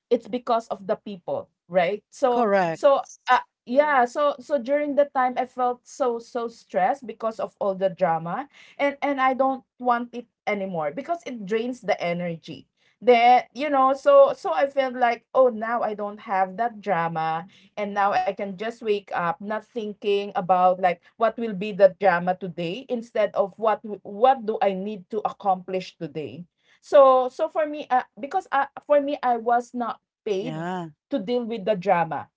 Speaker 2: it's because of the people, right? So
Speaker 1: Correct.
Speaker 3: Yes.
Speaker 2: yeah,
Speaker 3: Correct.
Speaker 2: so so during the time I felt so stressed because of all the drama, and I don't want it anymore because it drains the energy. That you know, so I felt like, oh, now I don't have that drama, and now I can just wake up not thinking about like what will be the drama today, instead of what do I need to accomplish today. So for me, because for me, I was not paid
Speaker 1: Yeah.
Speaker 2: to deal with the drama,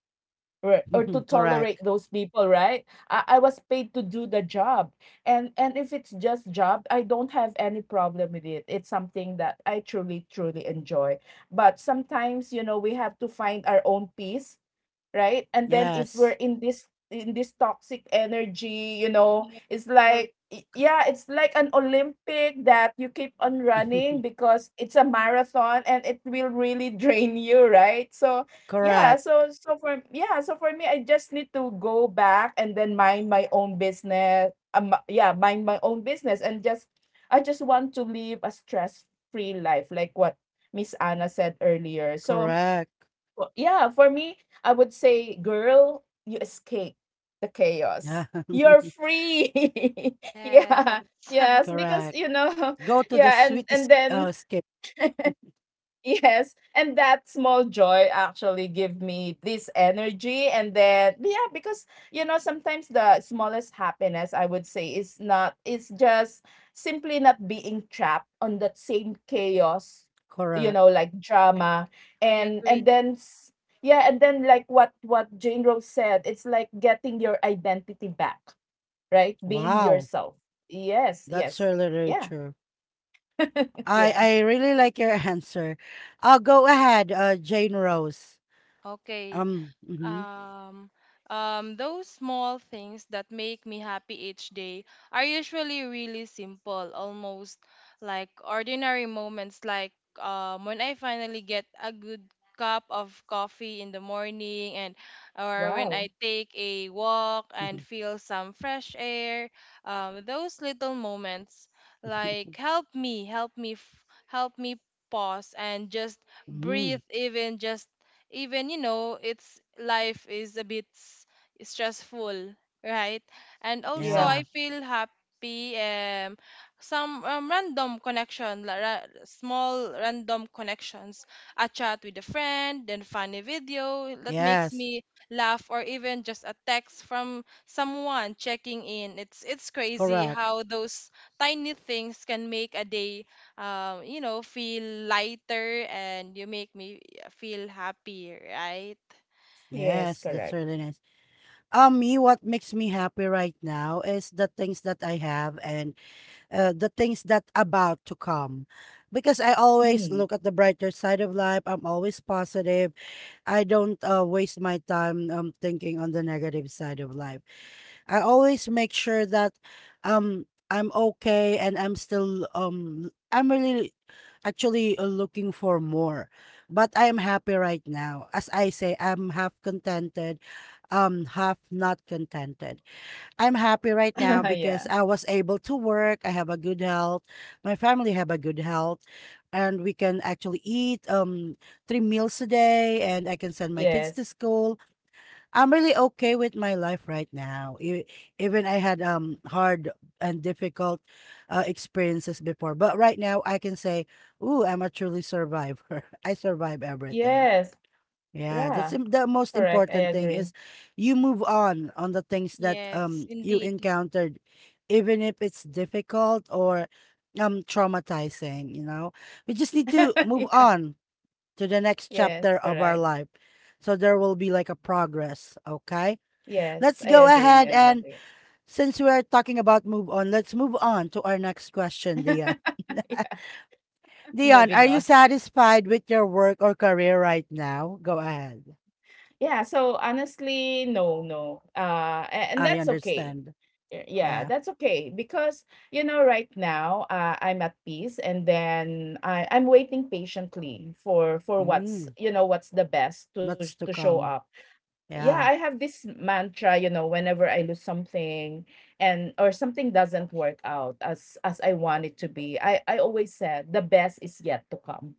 Speaker 2: or to
Speaker 1: <laughs>
Speaker 2: tolerate
Speaker 1: Correct.
Speaker 2: those people, right? I was paid to do the job. And if it's just job, I don't have any problem with it. It's something that I truly, truly enjoy. But sometimes, you know, we have to find our own peace, right? And then if
Speaker 1: Yes.
Speaker 2: we're in this, in this toxic energy, you know,
Speaker 3: Yes. Correct.
Speaker 2: yeah, it's like an Olympic that you keep on running
Speaker 1: <laughs>
Speaker 2: because it's a marathon, and it will really <laughs> drain you, right? So yeah, so
Speaker 1: Correct.
Speaker 2: so for yeah, so for me, I just need to go back and then mind my own business. Yeah, mind my own business, and just I just want to live a stress free life, like what Miss Anna said earlier. So
Speaker 1: Correct.
Speaker 2: well, yeah, for me, I would say, girl, you escape the
Speaker 1: Yeah.
Speaker 2: chaos. You're free. <laughs>
Speaker 3: Yes.
Speaker 2: Yeah.
Speaker 1: <laughs>
Speaker 2: Yes,
Speaker 3: <laughs>
Speaker 2: because
Speaker 1: Correct. Go
Speaker 2: <laughs>
Speaker 1: to the
Speaker 2: yeah, and
Speaker 1: sweetest
Speaker 2: then
Speaker 1: skip.
Speaker 2: Yes, and that small joy actually give me this energy and then yeah, because sometimes the smallest happiness I would say is not it's just simply not being trapped on that same chaos, you know,
Speaker 1: Correct.
Speaker 2: like
Speaker 3: Correct.
Speaker 2: drama
Speaker 3: I
Speaker 2: and
Speaker 3: agree.
Speaker 2: and then s- yeah, and then like what Jane Rose said, it's like getting your identity back, right? Being
Speaker 1: Wow.
Speaker 2: yourself. Yes,
Speaker 1: That's
Speaker 2: yes.
Speaker 1: really, really
Speaker 2: Yeah.
Speaker 1: true.
Speaker 2: <laughs>
Speaker 1: I
Speaker 2: Yeah.
Speaker 1: I really like your <laughs> answer. I'll go ahead, Jane Rose.
Speaker 3: Okay.
Speaker 1: Hmm.
Speaker 3: Um, those small things that make me happy each day are usually really simple, almost like ordinary moments, like when I finally get a good cup of coffee in the morning and or when
Speaker 2: Wow.
Speaker 3: I take a walk and
Speaker 1: <laughs>
Speaker 3: feel some fresh air. Those little moments like help me pause and just
Speaker 1: Mm.
Speaker 3: breathe, even just, even you know, it's life is a bit stressful, right? And also
Speaker 2: Yeah.
Speaker 3: I
Speaker 1: Yeah.
Speaker 3: feel happy some random connection la- ra- small random connections, a chat with a friend, then funny video that makes
Speaker 1: Yes.
Speaker 3: me laugh, or even just a text from someone checking in. It's crazy
Speaker 1: Correct.
Speaker 3: how those tiny things can make a day you know feel lighter and you make me feel happy, right?
Speaker 2: Yes,
Speaker 1: Yes. That's
Speaker 2: correct.
Speaker 1: really nice. Me, what makes me happy right now is the things that I have and the things that about to come. Because I always
Speaker 2: Mm.
Speaker 1: look at the brighter side of life. I'm always positive. I don't waste my time thinking on the negative side of life. I always make sure that I'm okay and I'm still I'm really actually looking for more, but I am happy right now. As I say, I'm half contented, half not contented. I'm happy right now
Speaker 2: <laughs>
Speaker 1: because
Speaker 2: Yeah.
Speaker 1: I was able to work. I have a good health, my family have a good health, and we can actually eat three meals a day, and I can send my kids to
Speaker 2: Yes.
Speaker 1: school. I'm really okay with my life right now. Even I had hard and difficult experiences before, but right now I can say, "Ooh, I'm a truly survivor. <laughs> I survive everything."
Speaker 2: Yes.
Speaker 1: Yeah, that's
Speaker 2: Yeah.
Speaker 1: im- the most
Speaker 2: Correct. I
Speaker 1: important thing
Speaker 2: agree.
Speaker 1: is you move on the things that
Speaker 3: Yes,
Speaker 1: you
Speaker 3: indeed.
Speaker 1: encountered, even if it's difficult or traumatizing. We just need to
Speaker 2: <laughs>
Speaker 1: move
Speaker 2: Yeah.
Speaker 1: on to the next
Speaker 2: Yes.
Speaker 1: chapter of
Speaker 2: Correct.
Speaker 1: our life. So there will be like a progress, okay?
Speaker 2: Yes. I
Speaker 1: Let's go
Speaker 2: agree. I
Speaker 1: ahead, and
Speaker 2: agree.
Speaker 1: since we're talking about move on, let's move on to our next question, Dion. <laughs>
Speaker 2: <laughs> Yeah.
Speaker 1: Dion,
Speaker 2: Moving
Speaker 1: are you
Speaker 2: on.
Speaker 1: satisfied with your work or career right now? Go ahead.
Speaker 2: Yeah. So honestly, no, no. And
Speaker 1: I
Speaker 2: that's okay.
Speaker 1: understand.
Speaker 2: Yeah,
Speaker 1: Yeah.
Speaker 2: that's okay because you know right now I'm at peace and then I'm waiting patiently for what's
Speaker 1: Mm,
Speaker 2: you know what's the best to
Speaker 1: lots to
Speaker 2: show up.
Speaker 1: come?
Speaker 2: Yeah, I
Speaker 1: Yeah.
Speaker 2: have this mantra, you know, whenever I lose something and or something doesn't work out as I want it to be, I always said the best is yet to come,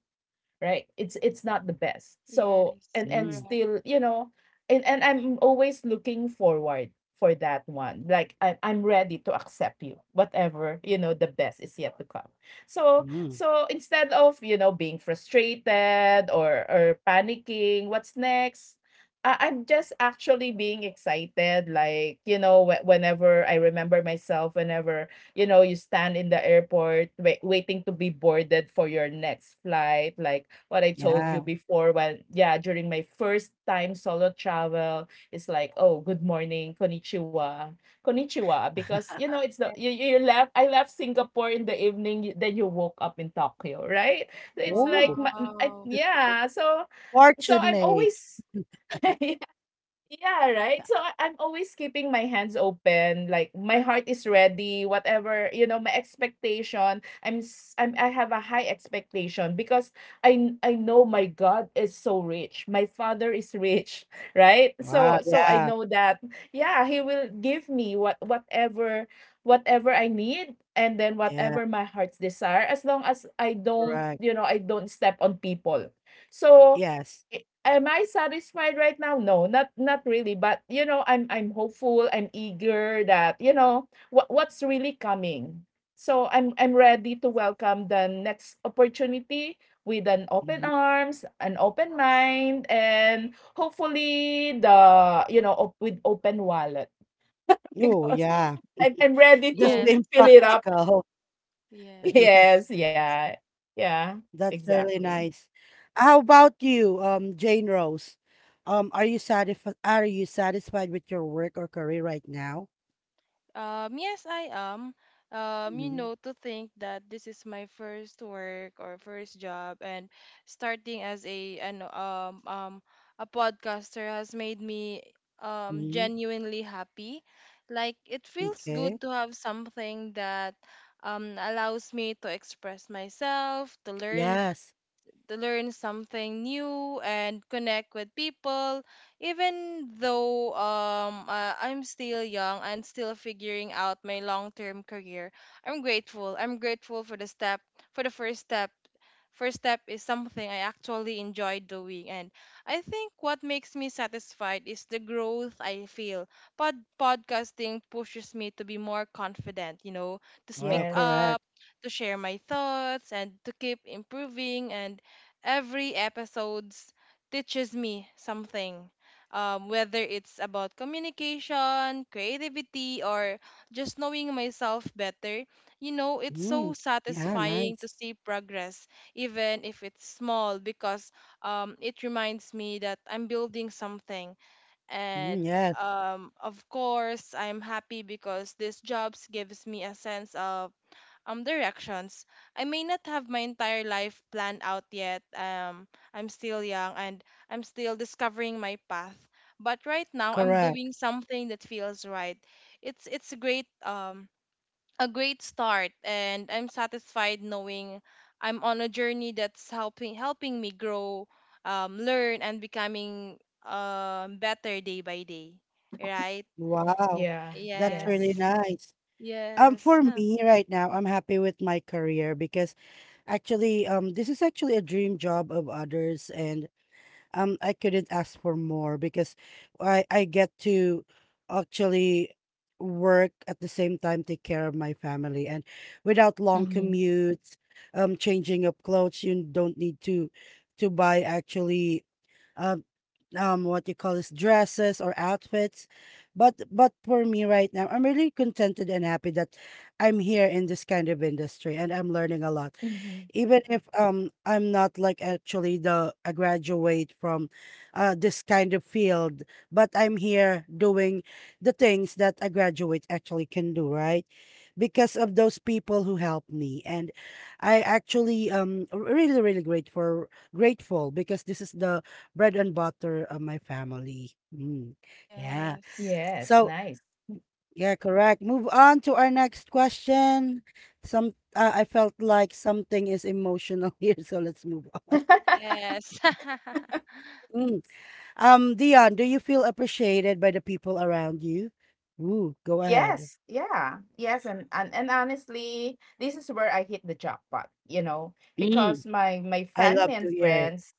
Speaker 2: right. It's not the best, so
Speaker 3: Yes,
Speaker 2: and
Speaker 1: Mm,
Speaker 3: correct.
Speaker 2: still, you know, and I'm always looking forward for that one, like I'm ready to accept you whatever you know the best is yet to come. so
Speaker 1: mm,
Speaker 2: so instead of, you know, being frustrated or panicking what's next, I'm just actually being excited. Like, you know, whenever I remember myself, whenever you know, you stand in the airport waiting to be boarded for your next flight. Like what I told you
Speaker 1: yeah.
Speaker 2: before, when, yeah, during my first time solo travel, it's like, oh, good morning, konnichiwa, konnichiwa, because, you know, it's the,
Speaker 3: Yes.
Speaker 2: you, you left, I left Singapore in the evening, then you woke up in Tokyo, right? So it's like,
Speaker 1: Oh,
Speaker 3: Wow.
Speaker 2: yeah, so, so I'm
Speaker 1: fortunate.
Speaker 2: always, <laughs> Yeah, right. So I'm always keeping my hands open. Like my heart is ready. Whatever you know, my expectation. I'm s- I'm I have a high expectation because I know my God is so rich. My Father is rich, <laughs> right?
Speaker 1: Wow.
Speaker 2: So I
Speaker 1: Yeah.
Speaker 2: know that yeah, He will give me whatever I need, and then
Speaker 1: Yeah.
Speaker 2: whatever my heart's desire, as long as I don't
Speaker 1: Correct.
Speaker 2: you know I don't step on people. So
Speaker 1: Yes.
Speaker 2: am I satisfied right now? No, not really. But you know, I'm hopeful. I'm eager that you know what's really coming. So I'm ready to welcome the next opportunity with an open
Speaker 1: Hmm.
Speaker 2: arms, an open mind, and hopefully the you know op- with open wallet, <laughs>
Speaker 1: Oh,
Speaker 2: because
Speaker 1: yeah.
Speaker 2: I'm ready
Speaker 1: Just
Speaker 2: to
Speaker 3: Yes,
Speaker 1: being
Speaker 2: fill it up. <laughs>
Speaker 1: practical. <laughs>
Speaker 3: yes.
Speaker 2: Yes, yeah, yeah,
Speaker 1: That's really
Speaker 2: exactly.
Speaker 1: nice. How about you, Jane Rose? Are you satisfied? Are you satisfied with your work or career right now?
Speaker 3: Yes, I am.
Speaker 1: Mm-hmm.
Speaker 3: To think that this is my first work or first job, and starting as a an a podcaster has made me
Speaker 1: Mm-hmm.
Speaker 3: genuinely happy. Like it feels
Speaker 1: Okay.
Speaker 3: good to have something that allows me to express myself, to learn
Speaker 1: Yes.
Speaker 3: to learn something new and connect with people even though I'm still young and still figuring out my long-term career. I'm grateful. I'm grateful for the step for the first step. First step is something I actually enjoy doing, and I think what makes me satisfied is the growth I feel. Podcasting pushes me to be more confident, to
Speaker 1: Wow.
Speaker 3: speak
Speaker 2: Yes,
Speaker 3: up,
Speaker 1: Correct.
Speaker 3: to share my thoughts and to keep improving, and every episodes teaches me something, whether it's about communication, creativity, or just knowing myself better. It's so
Speaker 1: Mm. Yeah.
Speaker 3: satisfying
Speaker 1: Nice.
Speaker 3: to see progress even if it's small, because it reminds me that I'm building something. And
Speaker 1: Mm, yes.
Speaker 3: of course I'm happy because these jobs gives me a sense of directions. I may not have my entire life planned out yet. I'm still young and I'm still discovering my path. But right now I'm
Speaker 1: Correct.
Speaker 3: doing something that feels right. It's a great start, and I'm satisfied knowing I'm on a journey that's helping me grow, learn and becoming better day by day. Right?
Speaker 1: Wow.
Speaker 2: yeah,
Speaker 1: That's
Speaker 2: yes.
Speaker 1: really
Speaker 3: Yes.
Speaker 1: nice.
Speaker 3: Yes.
Speaker 1: For
Speaker 3: Huh.
Speaker 1: me right now, I'm happy with my career because actually, this is actually a dream job of others, and I couldn't ask for more because I get to actually work at the same time, take care of my family, and without long
Speaker 2: Mm-hmm.
Speaker 1: commutes, changing up clothes. You don't need to buy actually um what you call this, dresses or outfits. But for me right now, I'm really contented and happy that I'm here in this kind of industry, and I'm learning a lot,
Speaker 2: Mm-hmm.
Speaker 1: even if I'm not like actually the a graduate from this kind of field, but I'm here doing the things that a graduate actually can do, right? Because of those people who helped me. And I actually really, really grateful because this is the bread and butter of my family. Mm, yeah.
Speaker 3: Yes.
Speaker 2: Yes,
Speaker 1: So
Speaker 2: nice.
Speaker 1: yeah, correct. Move on to our next question. Some I felt like something is emotional <laughs> here, so let's move on.
Speaker 3: Yes. <laughs>
Speaker 1: Mm. Dion, do you feel appreciated by the people around you? Ooh, go ahead.
Speaker 2: Yes, yeah. Yes, and honestly, this is where I hit the jackpot, you know, because
Speaker 1: Mm.
Speaker 2: my
Speaker 1: I
Speaker 2: family
Speaker 1: love to
Speaker 2: and
Speaker 1: hear it.
Speaker 2: friends.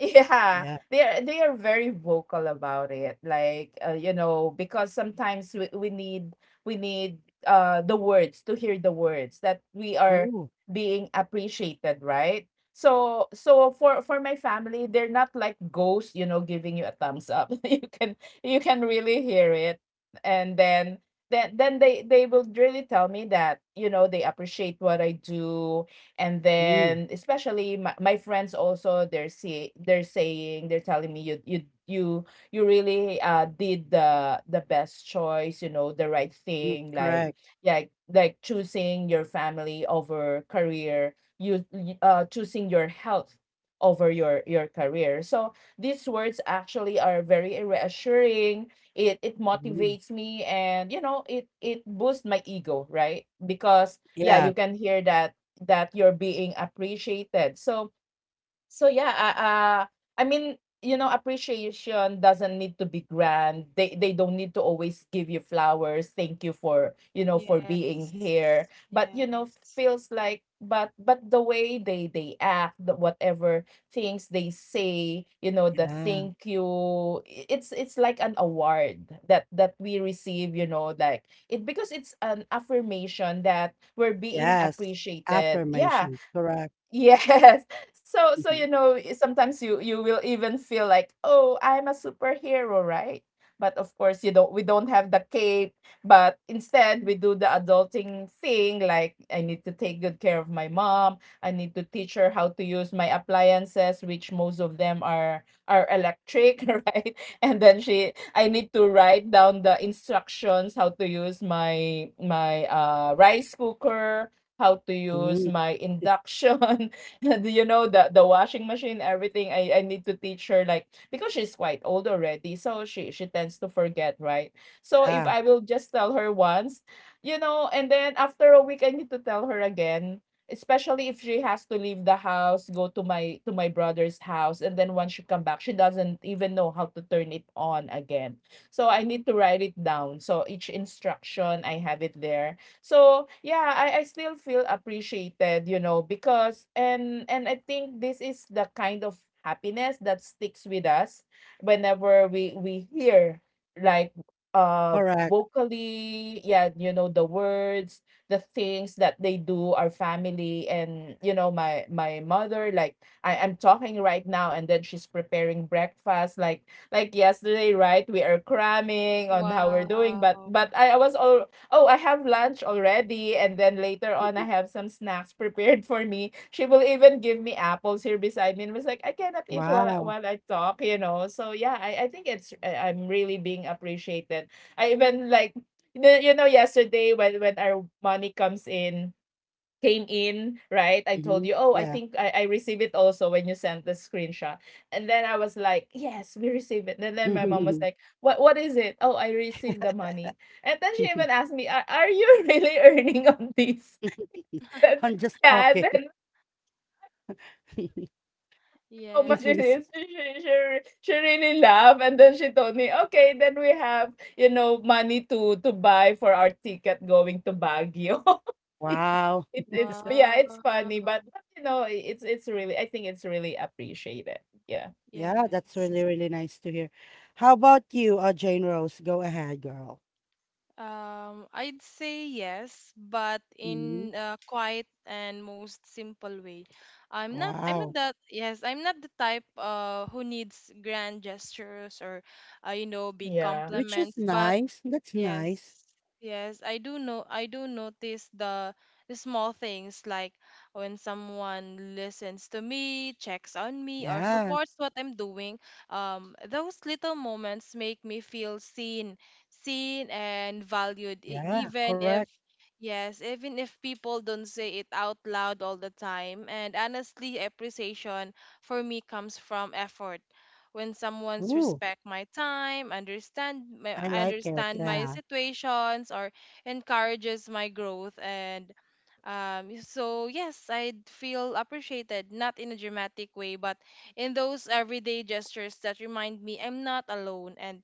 Speaker 2: <laughs> Yeah,
Speaker 1: Yeah.
Speaker 2: they are very vocal about it. Like you know, because sometimes we need the words to hear the words that we are
Speaker 1: Ooh.
Speaker 2: being appreciated, right? So for my family, they're not like ghosts, you know, giving you a thumbs up. <laughs> You can really hear it, and then then they will really tell me that you know they appreciate what I do, and
Speaker 1: Mm.
Speaker 2: then especially my friends also they're see they're saying they're telling me you really did the best choice, you know, the right
Speaker 1: Mm.
Speaker 2: thing, like
Speaker 1: Correct.
Speaker 2: yeah, like choosing your family over career, choosing your health over your career. So these words actually are very reassuring, it
Speaker 1: Mm.
Speaker 2: motivates me, and you know it boosts my ego, right? Because yeah,
Speaker 1: Yeah.
Speaker 2: you can hear that you're being appreciated. So yeah, I mean, you know, appreciation doesn't need to be grand. They don't need to always give you flowers. Thank you for, you know, for being
Speaker 3: Yes.
Speaker 2: here. But you know,
Speaker 3: Yes.
Speaker 2: feels like, but the way they act, the whatever things they say, you know, the
Speaker 1: Yeah.
Speaker 2: thank you, it's like an award that we receive, you know, like it because it's an affirmation that we're being
Speaker 1: Yes.
Speaker 2: appreciated. Yeah,
Speaker 1: Affirmations. Correct.
Speaker 2: Yes. <laughs> So you
Speaker 1: Mhm.
Speaker 2: know sometimes you will even feel like, "Oh, I'm a superhero, right?" But of course, you don't we don't have the cape, but instead we do the adulting thing, like I need to take good care of my mom, I need to teach her how to use my appliances, which most of them are electric, <laughs> right? And then she I need to write down the instructions how to use my rice cooker, how to use
Speaker 1: Mm.
Speaker 2: my induction, <laughs> and you know, the washing machine, everything. I need to teach her like because she's quite old already, so she tends to forget, right? So if
Speaker 1: Yeah.
Speaker 2: I will just tell her once, you know, and then after a week I need to tell her again, especially if she has to leave the house, go to my brother's house, and then once she come back she doesn't even know how to turn it on again. So I need to write it down, so each instruction I have it there. So yeah, I still feel appreciated, you know, because and I think this is the kind of happiness that sticks with us whenever we hear, like, uh
Speaker 1: Correct.
Speaker 2: vocally, yeah, you know, the words, the things that they do, our family, and you know, my mother, like I'm talking right now and then she's preparing breakfast, like yesterday, right? We are cramming on how we're doing, but
Speaker 3: Wow.
Speaker 2: but I, I was all, oh, I have lunch already. And then later on, I
Speaker 1: Mhm.
Speaker 2: have some snacks prepared for me. She will even give me apples here beside me and was like, I cannot eat while,
Speaker 1: Wow.
Speaker 2: while I talk, you know? So yeah, I think I'm really being appreciated. I even like, yesterday when our money came in, right? I told
Speaker 1: Mhm.
Speaker 2: you, oh, I
Speaker 1: Yeah.
Speaker 2: think I received it also when you sent the screenshot. And then I was like, yes, we received it. And then my mom was
Speaker 1: <laughs>
Speaker 2: like, what is it? Oh, I received the money. And then she even asked me, are you <laughs> really earning on this? <laughs> And,
Speaker 1: I'm
Speaker 3: <laughs>
Speaker 1: just
Speaker 2: yeah, and
Speaker 1: talking.
Speaker 2: then
Speaker 1: <laughs>
Speaker 2: how
Speaker 1: She
Speaker 2: much it
Speaker 1: seems
Speaker 2: is. She,
Speaker 3: Yes.
Speaker 2: she, she, re- she really laughed. And then she told me, okay, then we have, you know, money to buy for our ticket going to Baguio. <laughs>
Speaker 1: Wow.
Speaker 2: It's funny, but
Speaker 3: Wow.
Speaker 2: but, you know, I think it's really appreciated. Yeah.
Speaker 1: Yeah, that's really,
Speaker 3: Yes.
Speaker 1: really nice to hear. How about you, Jane Rose? Go ahead, girl.
Speaker 3: I'd say yes, but
Speaker 1: Hmm.
Speaker 3: in a quiet and most simple way. I'm not
Speaker 1: Wow.
Speaker 3: that, yes, I'm not the type who needs grand gestures or big
Speaker 2: Yeah.
Speaker 1: Which is
Speaker 3: compliments, but
Speaker 1: nice. That's
Speaker 3: yes,
Speaker 1: nice.
Speaker 3: yes, I do know. I do notice the small things like when someone listens to me, checks on me, or
Speaker 1: Yeah.
Speaker 3: supports what I'm doing. Those little moments make me feel seen, and valued,
Speaker 1: Yeah.
Speaker 3: even
Speaker 1: Correct.
Speaker 3: if, yes, even if people don't say it out loud all the time. And honestly, appreciation for me comes from effort when someone's
Speaker 1: Ooh,
Speaker 3: respect my time, understand my
Speaker 1: I like it.
Speaker 3: understand my
Speaker 1: Yeah.
Speaker 3: situations or encourages my growth. And so yes, I'd feel appreciated, not in a dramatic way, but in those everyday gestures that remind me I'm not alone,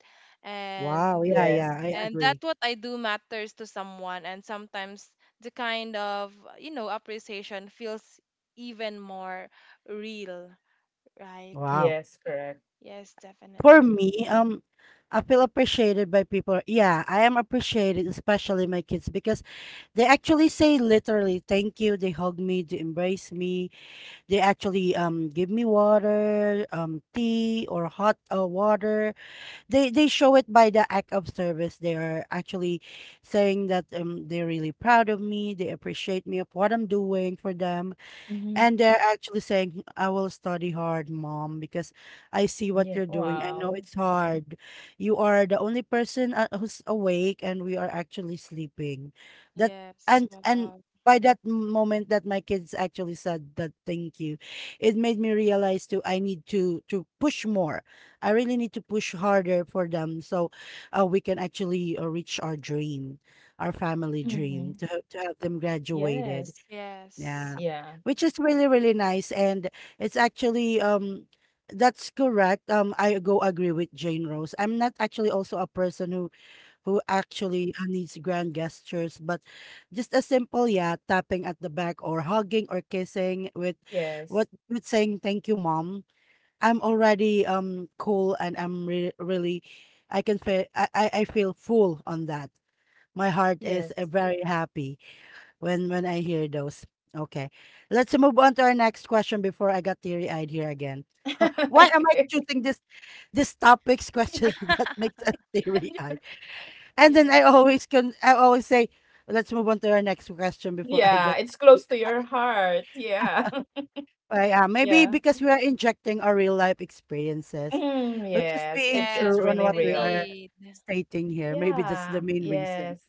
Speaker 1: Wow.
Speaker 3: and
Speaker 1: Yeah.
Speaker 2: Yes.
Speaker 1: Yeah. I
Speaker 3: and that
Speaker 1: agree.
Speaker 3: what I do matters to someone. And sometimes the kind of appreciation feels even more real, right?
Speaker 1: Wow.
Speaker 2: Yes, correct.
Speaker 3: Yes,
Speaker 1: For
Speaker 3: definitely.
Speaker 1: me, I feel appreciated by people. Yeah, I am appreciated, especially my kids, because they actually say literally thank you. They hug me, they embrace me. They actually give me water, tea or hot water. They show it by the act of service. They are actually saying that they're really proud of me. They appreciate me of what I'm doing for them,
Speaker 2: Mhm.
Speaker 1: and they're actually saying, "I will study hard, mom, because I see what
Speaker 2: Yeah.
Speaker 1: you're doing. I know
Speaker 2: Wow.
Speaker 1: it's hard. You are the only person who's awake, and we are actually sleeping." That
Speaker 3: Yes.
Speaker 1: and
Speaker 3: Wow.
Speaker 1: by that moment that my kids actually said that thank you, it made me realize too I need to push more. I really need to push harder for them so we can actually reach our dream, our family
Speaker 2: Mhm.
Speaker 1: dream to have, them graduated.
Speaker 2: Yes.
Speaker 3: Yes.
Speaker 1: Yeah,
Speaker 2: Yeah.
Speaker 1: which is really, really nice. And it's actually, that's correct. I go agree with Jane Rose. I'm not actually also a person who actually needs grand gestures, but just a simple, yeah, tapping at the back or hugging or kissing with
Speaker 2: Yes.
Speaker 1: what with saying thank you, mom. I'm already cool, and I'm re really, I can feel, I feel full on that. My heart is
Speaker 2: Yes.
Speaker 1: very happy. When I hear those. Okay. Let's move on to our next question before I got teary-eyed here again. Why am I choosing
Speaker 2: <laughs> Okay.
Speaker 1: this topics questions <laughs> that makes us teary-eyed?
Speaker 2: <laughs>
Speaker 1: And then
Speaker 3: Yeah.
Speaker 1: I always can, I always say, let's move on to our next question before I
Speaker 2: Yeah,
Speaker 1: get
Speaker 2: it's close to
Speaker 1: <laughs>
Speaker 2: your heart. Yeah. <laughs>
Speaker 1: I am. Maybe
Speaker 2: Yeah.
Speaker 1: because we are injecting our real life experiences.
Speaker 2: Mm,
Speaker 1: We're just
Speaker 2: yes.
Speaker 1: being
Speaker 2: It's
Speaker 3: Yes,
Speaker 1: true on
Speaker 2: really
Speaker 1: what we
Speaker 2: real.
Speaker 1: are
Speaker 3: indeed.
Speaker 1: stating here. Maybe that's the
Speaker 2: Yeah.
Speaker 1: main reason.
Speaker 2: Yes.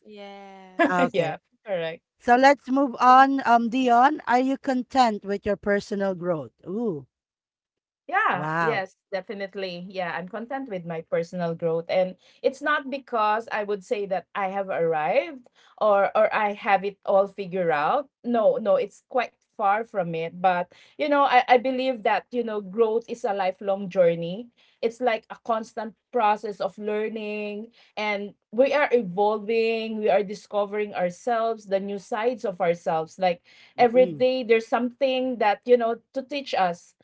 Speaker 1: Ah,
Speaker 2: <laughs>
Speaker 3: Yes.
Speaker 1: okay.
Speaker 2: Yeah, correct.
Speaker 1: So let's move
Speaker 2: Yeah.
Speaker 1: on. Dion, are you content with your personal growth? Ooh,
Speaker 2: Yeah,
Speaker 1: wow.
Speaker 2: yes, definitely. Yeah, I'm content with my personal growth, and it's not because I would say that I have arrived or I have it all figured out. No, no, it's quite far from it, but you know, I believe that, you know, growth is a lifelong journey. It's like a constant process of learning, and we are evolving, we are discovering ourselves, the new sides of ourselves. Like every
Speaker 1: Mhm.
Speaker 2: day there's something that, you know, to teach us.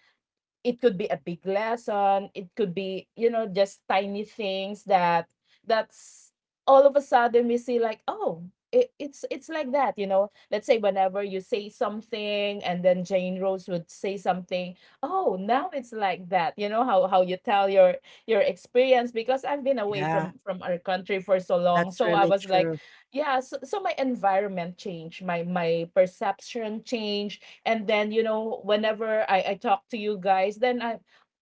Speaker 2: It could be a big lesson, it could be, you know, just tiny things that that's all of a sudden we see, like, oh, it's like that, you know, let's say whenever you say something and then Jane Rose would say something, oh now it's like that, you know, how you tell your experience, because I've been away
Speaker 1: Yeah,
Speaker 2: from our country for so long,
Speaker 1: that's
Speaker 2: so I
Speaker 1: really
Speaker 2: was like,
Speaker 1: true.
Speaker 2: yeah, so my environment changed, my perception changed. And then you know whenever I talk to you guys, then I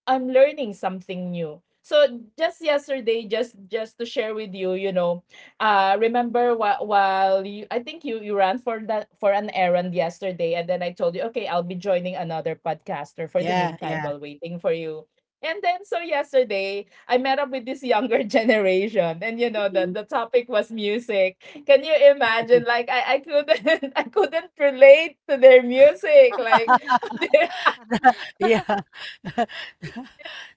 Speaker 2: I'm learning something new. So just yesterday, just to share with you, you know, remember while you I think you you ran for an errand yesterday, and then I told you, okay, I'll be joining another podcaster for the
Speaker 1: Yeah,
Speaker 2: meantime
Speaker 1: yeah.
Speaker 2: while waiting for you. And then so yesterday I met up with this younger <laughs> generation, and you know the
Speaker 1: Mhm.
Speaker 2: the topic was music. Can you imagine? Like, I couldn't, <laughs> I couldn't relate to their music. Like
Speaker 1: <laughs>
Speaker 2: <laughs> yeah,
Speaker 1: Yeah. <laughs>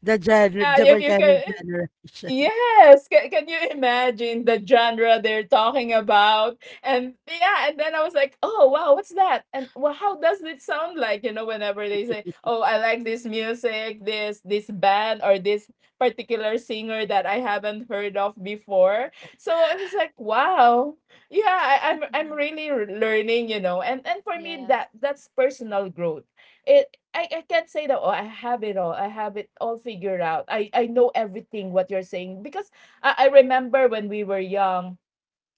Speaker 1: The gen
Speaker 2: you,
Speaker 1: different
Speaker 2: you
Speaker 1: kind of
Speaker 2: can.
Speaker 1: generation. <laughs>
Speaker 2: Yes, can you imagine the genre they're talking about? And yeah, and then I was like, "Oh, wow, what's that?" And well, how does it sound like? You know, whenever they say, "Oh, I like this music, this band or this particular singer that I haven't heard of before." So I was like, "Wow, yeah, I, I'm
Speaker 3: <laughs>
Speaker 2: I'm
Speaker 3: Mhm.
Speaker 2: really r- learning," you know. And for me,
Speaker 3: Yes.
Speaker 2: that's personal growth. It I can't say that oh, I have it all figured out. I know everything what you're saying because I remember when we were young.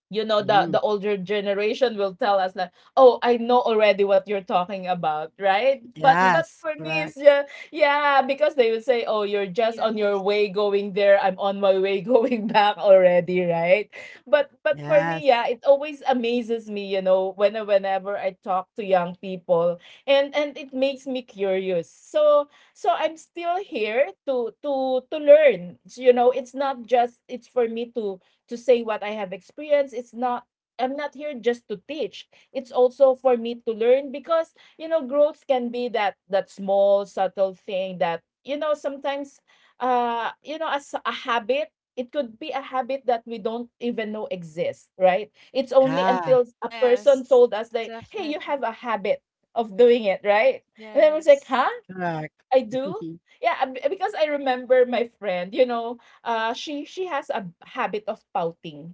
Speaker 2: You know, the
Speaker 1: Mm.
Speaker 2: the older generation will tell us like, "Oh, I know already what you're talking about, right?" But but
Speaker 1: Yes,
Speaker 2: for me
Speaker 1: correct.
Speaker 2: it's yeah, yeah, because they will say, "Oh, you're just on your
Speaker 3: Yes.
Speaker 2: way going there. I'm on my way <laughs> going back already, right?" But for me, yeah,
Speaker 1: Yes.
Speaker 2: it always amazes me, you know, whenever I talk to young people, and it makes me curious. So I'm still here to to learn, you know. It's not just, it's for me to say what I have experienced. It's not, I'm not here just to teach. It's also for me to learn, because you know, growth can be that small subtle thing that, you know, sometimes, you know, as a habit, it could be a habit that we don't even know exists, right? It's only
Speaker 1: Yeah,
Speaker 2: until a person
Speaker 3: Yes.
Speaker 2: told us like, "Hey, you have
Speaker 3: Definitely.
Speaker 2: a habit of doing it, right?" And then we was like,
Speaker 3: Yes.
Speaker 2: "Huh?
Speaker 1: correct.
Speaker 2: I do."
Speaker 1: <laughs>
Speaker 2: Yeah, because I remember my friend, you know, she has a habit of pouting.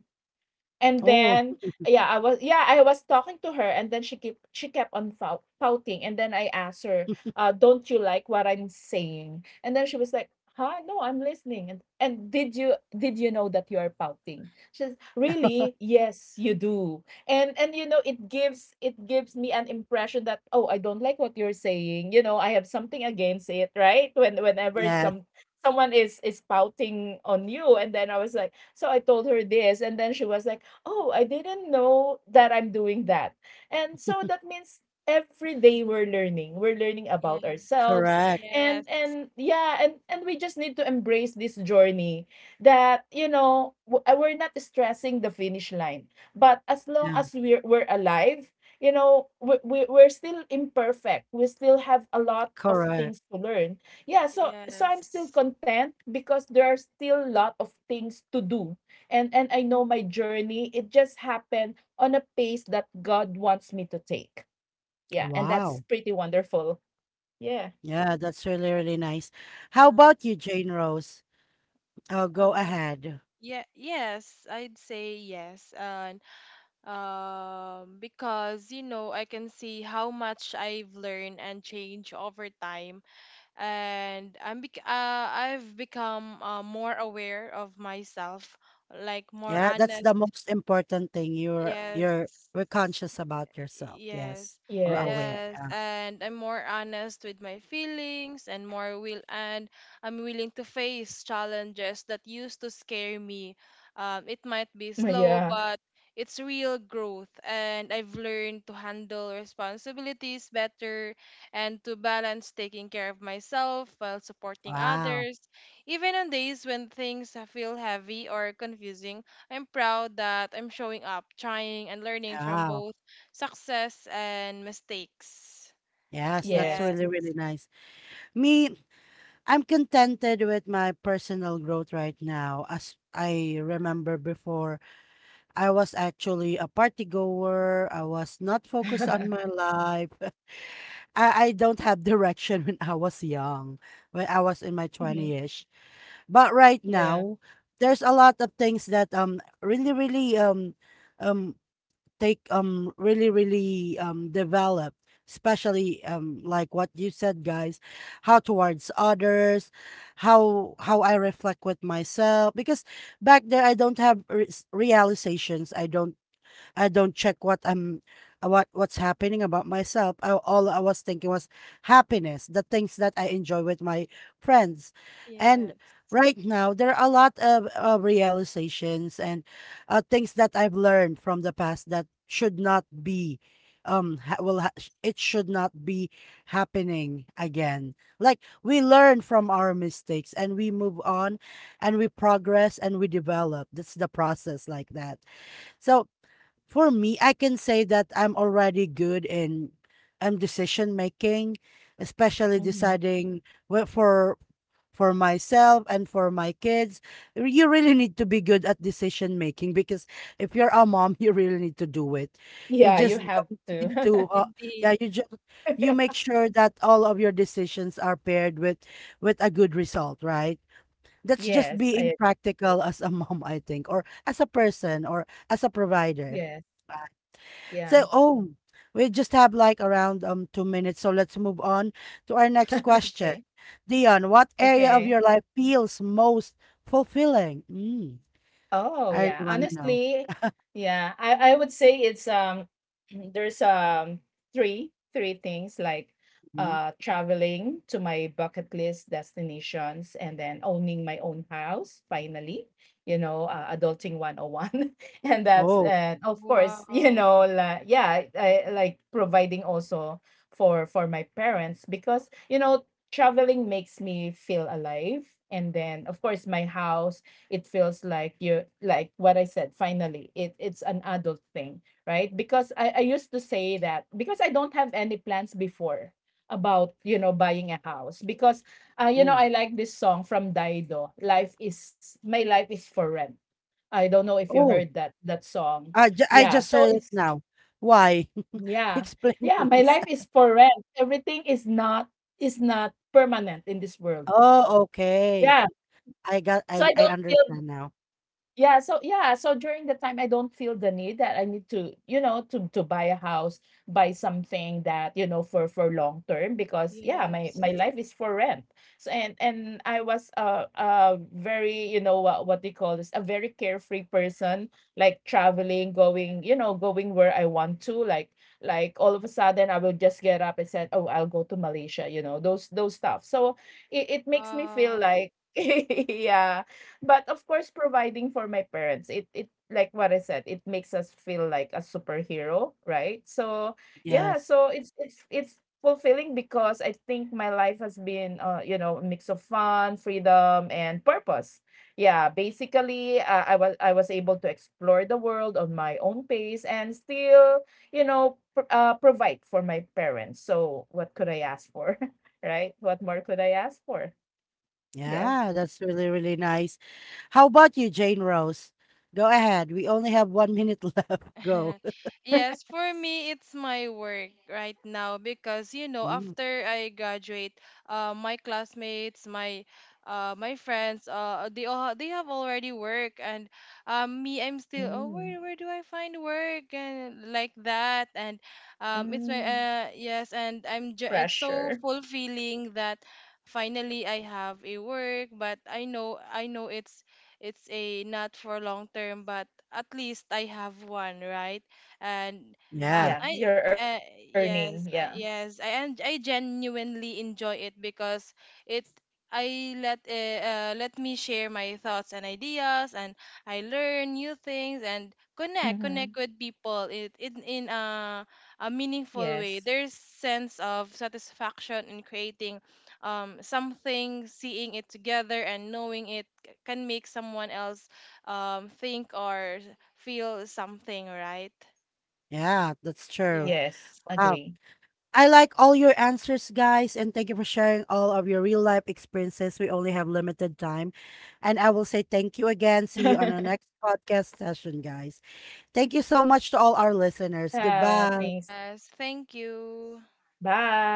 Speaker 2: And
Speaker 1: Oh,
Speaker 2: then, yeah, I was talking to her, and then she kept on pouting, and then I asked her, "Don't you like what I'm saying?" And then she was like, "Huh? No, I'm listening." And did you know that you are pouting? She's really, yes, you do. And you know, it gives me an impression that, oh, I don't like what you're saying. You know, I have something against it, right? Whenever
Speaker 1: yes,
Speaker 2: someone is pouting on you, and then I was like. So I told her this, and then she was like, "Oh, I didn't know that I'm doing that." And so that means every day
Speaker 3: Mhm.
Speaker 2: we're learning. We're learning about
Speaker 3: Yes.
Speaker 2: ourselves.
Speaker 1: correct.
Speaker 2: And
Speaker 3: Yes.
Speaker 2: and yeah, and we just need to embrace this journey that, you know, we're not stressing the finish line. But as long
Speaker 1: Yeah,
Speaker 2: as we're alive, you know, we're still imperfect. We still have a lot of
Speaker 1: correct.
Speaker 2: things to learn. Yeah, so I'm still
Speaker 3: Yes.
Speaker 2: content because there are still a lot of things to do, and I know my journey. It just happened on a pace that God wants me to take. Yeah, and
Speaker 1: Wow.
Speaker 2: that's pretty wonderful. Yeah.
Speaker 1: Yeah, that's really,
Speaker 3: Yes.
Speaker 1: really nice. How about
Speaker 3: Nice.
Speaker 1: you, Jane Rose? Oh, go
Speaker 3: Um,
Speaker 1: ahead.
Speaker 3: yeah, yes, I'd say yes. Because you know I can see how much I've learned and changed over time, and I've become more aware of myself, like more
Speaker 1: Yeah, that's
Speaker 3: honest.
Speaker 1: the most important thing.
Speaker 3: Yes,
Speaker 1: You're we're conscious about yourself, yes,
Speaker 3: yes,
Speaker 1: or
Speaker 2: Yes.
Speaker 1: aware.
Speaker 3: yes,
Speaker 1: Yeah.
Speaker 3: and I'm more honest with my feelings, and I'm willing to face challenges that used to scare me. It might be
Speaker 2: <laughs> Mm,
Speaker 3: slow,
Speaker 2: yeah.
Speaker 3: but it's real growth, and I've learned to handle responsibilities better and to balance taking care of myself while supporting
Speaker 1: Wow.
Speaker 3: others. Even on days when things feel heavy or confusing, I'm proud that I'm showing up, trying and learning from
Speaker 1: Wow.
Speaker 3: both success and mistakes.
Speaker 1: Yes, that's
Speaker 2: Yes.
Speaker 3: Yes.
Speaker 1: really, really nice. Me, I'm contented with my personal growth right now. As I remember before, I was actually a party goer. I was not focused on
Speaker 2: <laughs>
Speaker 1: my life. <laughs> I don't have <laughs> direction when I was young, when I was in my
Speaker 2: Mhm.
Speaker 1: 20s. But right
Speaker 2: Yeah.
Speaker 1: now, there's a lot of things that really really um take really really develop, especially like what you said, guys, how towards others, how I reflect with myself, because back there I don't have realizations. I don't check what I'm what's happening about myself. All I was thinking was happiness, the things that I enjoy with my friends. And
Speaker 3: Yes.
Speaker 1: right now there are a lot of realizations and things that I've learned from the past that should not be, it should not be happening again, like we learn from our mistakes and we move on, and we progress and we develop. That's the process like that. So for me, I can say that I'm already good in decision making, especially
Speaker 2: Hmm.
Speaker 1: deciding wh- for for myself and for my kids. You really need to be good at decision making because if you're a mom, <laughs> you really need to do it. You
Speaker 2: Yeah, you
Speaker 1: just
Speaker 2: have
Speaker 1: don't need
Speaker 2: to.
Speaker 1: to. Yeah,
Speaker 3: Indeed.
Speaker 1: you just, you make
Speaker 2: <laughs>
Speaker 1: sure that all of your decisions are paired with a good result, right? That's just
Speaker 2: Yes,
Speaker 1: being
Speaker 2: I,
Speaker 1: practical as a <laughs> mom, I think, or as a person, or as a provider.
Speaker 2: yes. Yeah.
Speaker 1: So, oh, we just have like around 2 minutes, so let's move on to our next question.
Speaker 2: Okay.
Speaker 1: Dion, what area of
Speaker 2: Okay.
Speaker 1: your life feels most fulfilling? Mm,
Speaker 2: Oh,
Speaker 1: I really
Speaker 2: yeah.
Speaker 1: want to know.
Speaker 2: Honestly, yeah. I would say it's <clears throat> there's three things, like
Speaker 1: Mhm.
Speaker 2: traveling to my bucket list destinations, and then owning my own house finally, you know, adulting 101. <laughs> And that's,
Speaker 1: Oh,
Speaker 2: and of course, you
Speaker 3: Wow.
Speaker 2: know, like yeah, like providing also for my parents because, you know, traveling makes me feel alive, and then of course my house, it feels like you're, like what I said, finally, it's an adult thing, right? Because I used to say that, because I don't have any plans before about, you know, buying a house. Because you know,
Speaker 1: mm.
Speaker 2: I like this song from Dido, Life is My Life is for Rent. I don't know if you
Speaker 1: Oh,
Speaker 2: heard that song.
Speaker 1: I
Speaker 2: Yeah.
Speaker 1: just
Speaker 2: So
Speaker 1: heard it
Speaker 2: it's
Speaker 1: now. Why? <laughs>
Speaker 2: yeah.
Speaker 1: Explain,
Speaker 2: Yeah, my
Speaker 1: please.
Speaker 2: life
Speaker 1: <laughs>
Speaker 2: is for rent. Everything is not, is not permanent in this world.
Speaker 1: Oh, okay.
Speaker 2: Yeah. So
Speaker 1: I,
Speaker 2: I
Speaker 1: I
Speaker 2: don't feel,
Speaker 1: understand now.
Speaker 2: yeah, so yeah, so during the time I don't feel the need that I need to, you know, to buy a house, buy something that, you know, for long term, because yeah, my
Speaker 3: Yes.
Speaker 2: my life is for rent. So and I was very, you know, what they call this, a very carefree person, like traveling, going, you know, going where I want to, like all of a sudden I will just get up and said, "Oh, I'll go to Malaysia," you know, those stuff. So it makes me feel
Speaker 3: Wow.
Speaker 2: like <laughs> yeah, but of course, providing for my parents, it like what I said, it makes us feel like a superhero, right? So yeah,
Speaker 1: Yes.
Speaker 2: so it's it's fulfilling, because I think my life has been, you know, a mix of fun, freedom, and purpose. Yeah, basically, I was able to explore the world on my own pace, and still, you know, provide for my parents. So what could I ask for, <laughs> right? What more could I ask for? Yeah.
Speaker 1: Yeah, that's really, really nice. How about you, Jane Rose? Go ahead. We only have 1 minute <laughs> left. Go.
Speaker 3: <laughs> Yes, for me, it's my work right now because you know
Speaker 1: Mm,
Speaker 3: after I graduate, my classmates, my my friends, they all they have already work. And me, I'm still, oh,
Speaker 2: Mm.
Speaker 3: where do I find work and like that. And
Speaker 2: Mm.
Speaker 3: it's my yes,
Speaker 2: Pressure.
Speaker 3: it's so fulfilling that finally I have a work, but I know it's a not for long term, but at least I have one, right?
Speaker 2: Yeah,
Speaker 3: And
Speaker 2: you're
Speaker 1: yeah,
Speaker 2: earning.
Speaker 3: I
Speaker 2: Yeah.
Speaker 3: uh, yes, yes, I genuinely enjoy it because it, I let let me share my thoughts and ideas, and I learn new
Speaker 2: Mhm.
Speaker 3: things and connect with people, it in
Speaker 2: Yes.
Speaker 3: a meaningful way. There's sense of satisfaction in creating something, seeing it together and knowing it can make someone else think or feel something, right?
Speaker 2: Yes,
Speaker 1: yeah, that's
Speaker 2: agree.
Speaker 1: true.
Speaker 3: Yes.
Speaker 1: Wow. I like all your answers, guys, and thank you for sharing all of your real life experiences. We only have limited time. And I will say thank you
Speaker 2: <laughs>
Speaker 1: again. See you on our next podcast session, guys. Thank you so much to all our
Speaker 2: Ah, thanks.
Speaker 1: listeners. Goodbye.
Speaker 3: Yes, thank you.
Speaker 2: Bye.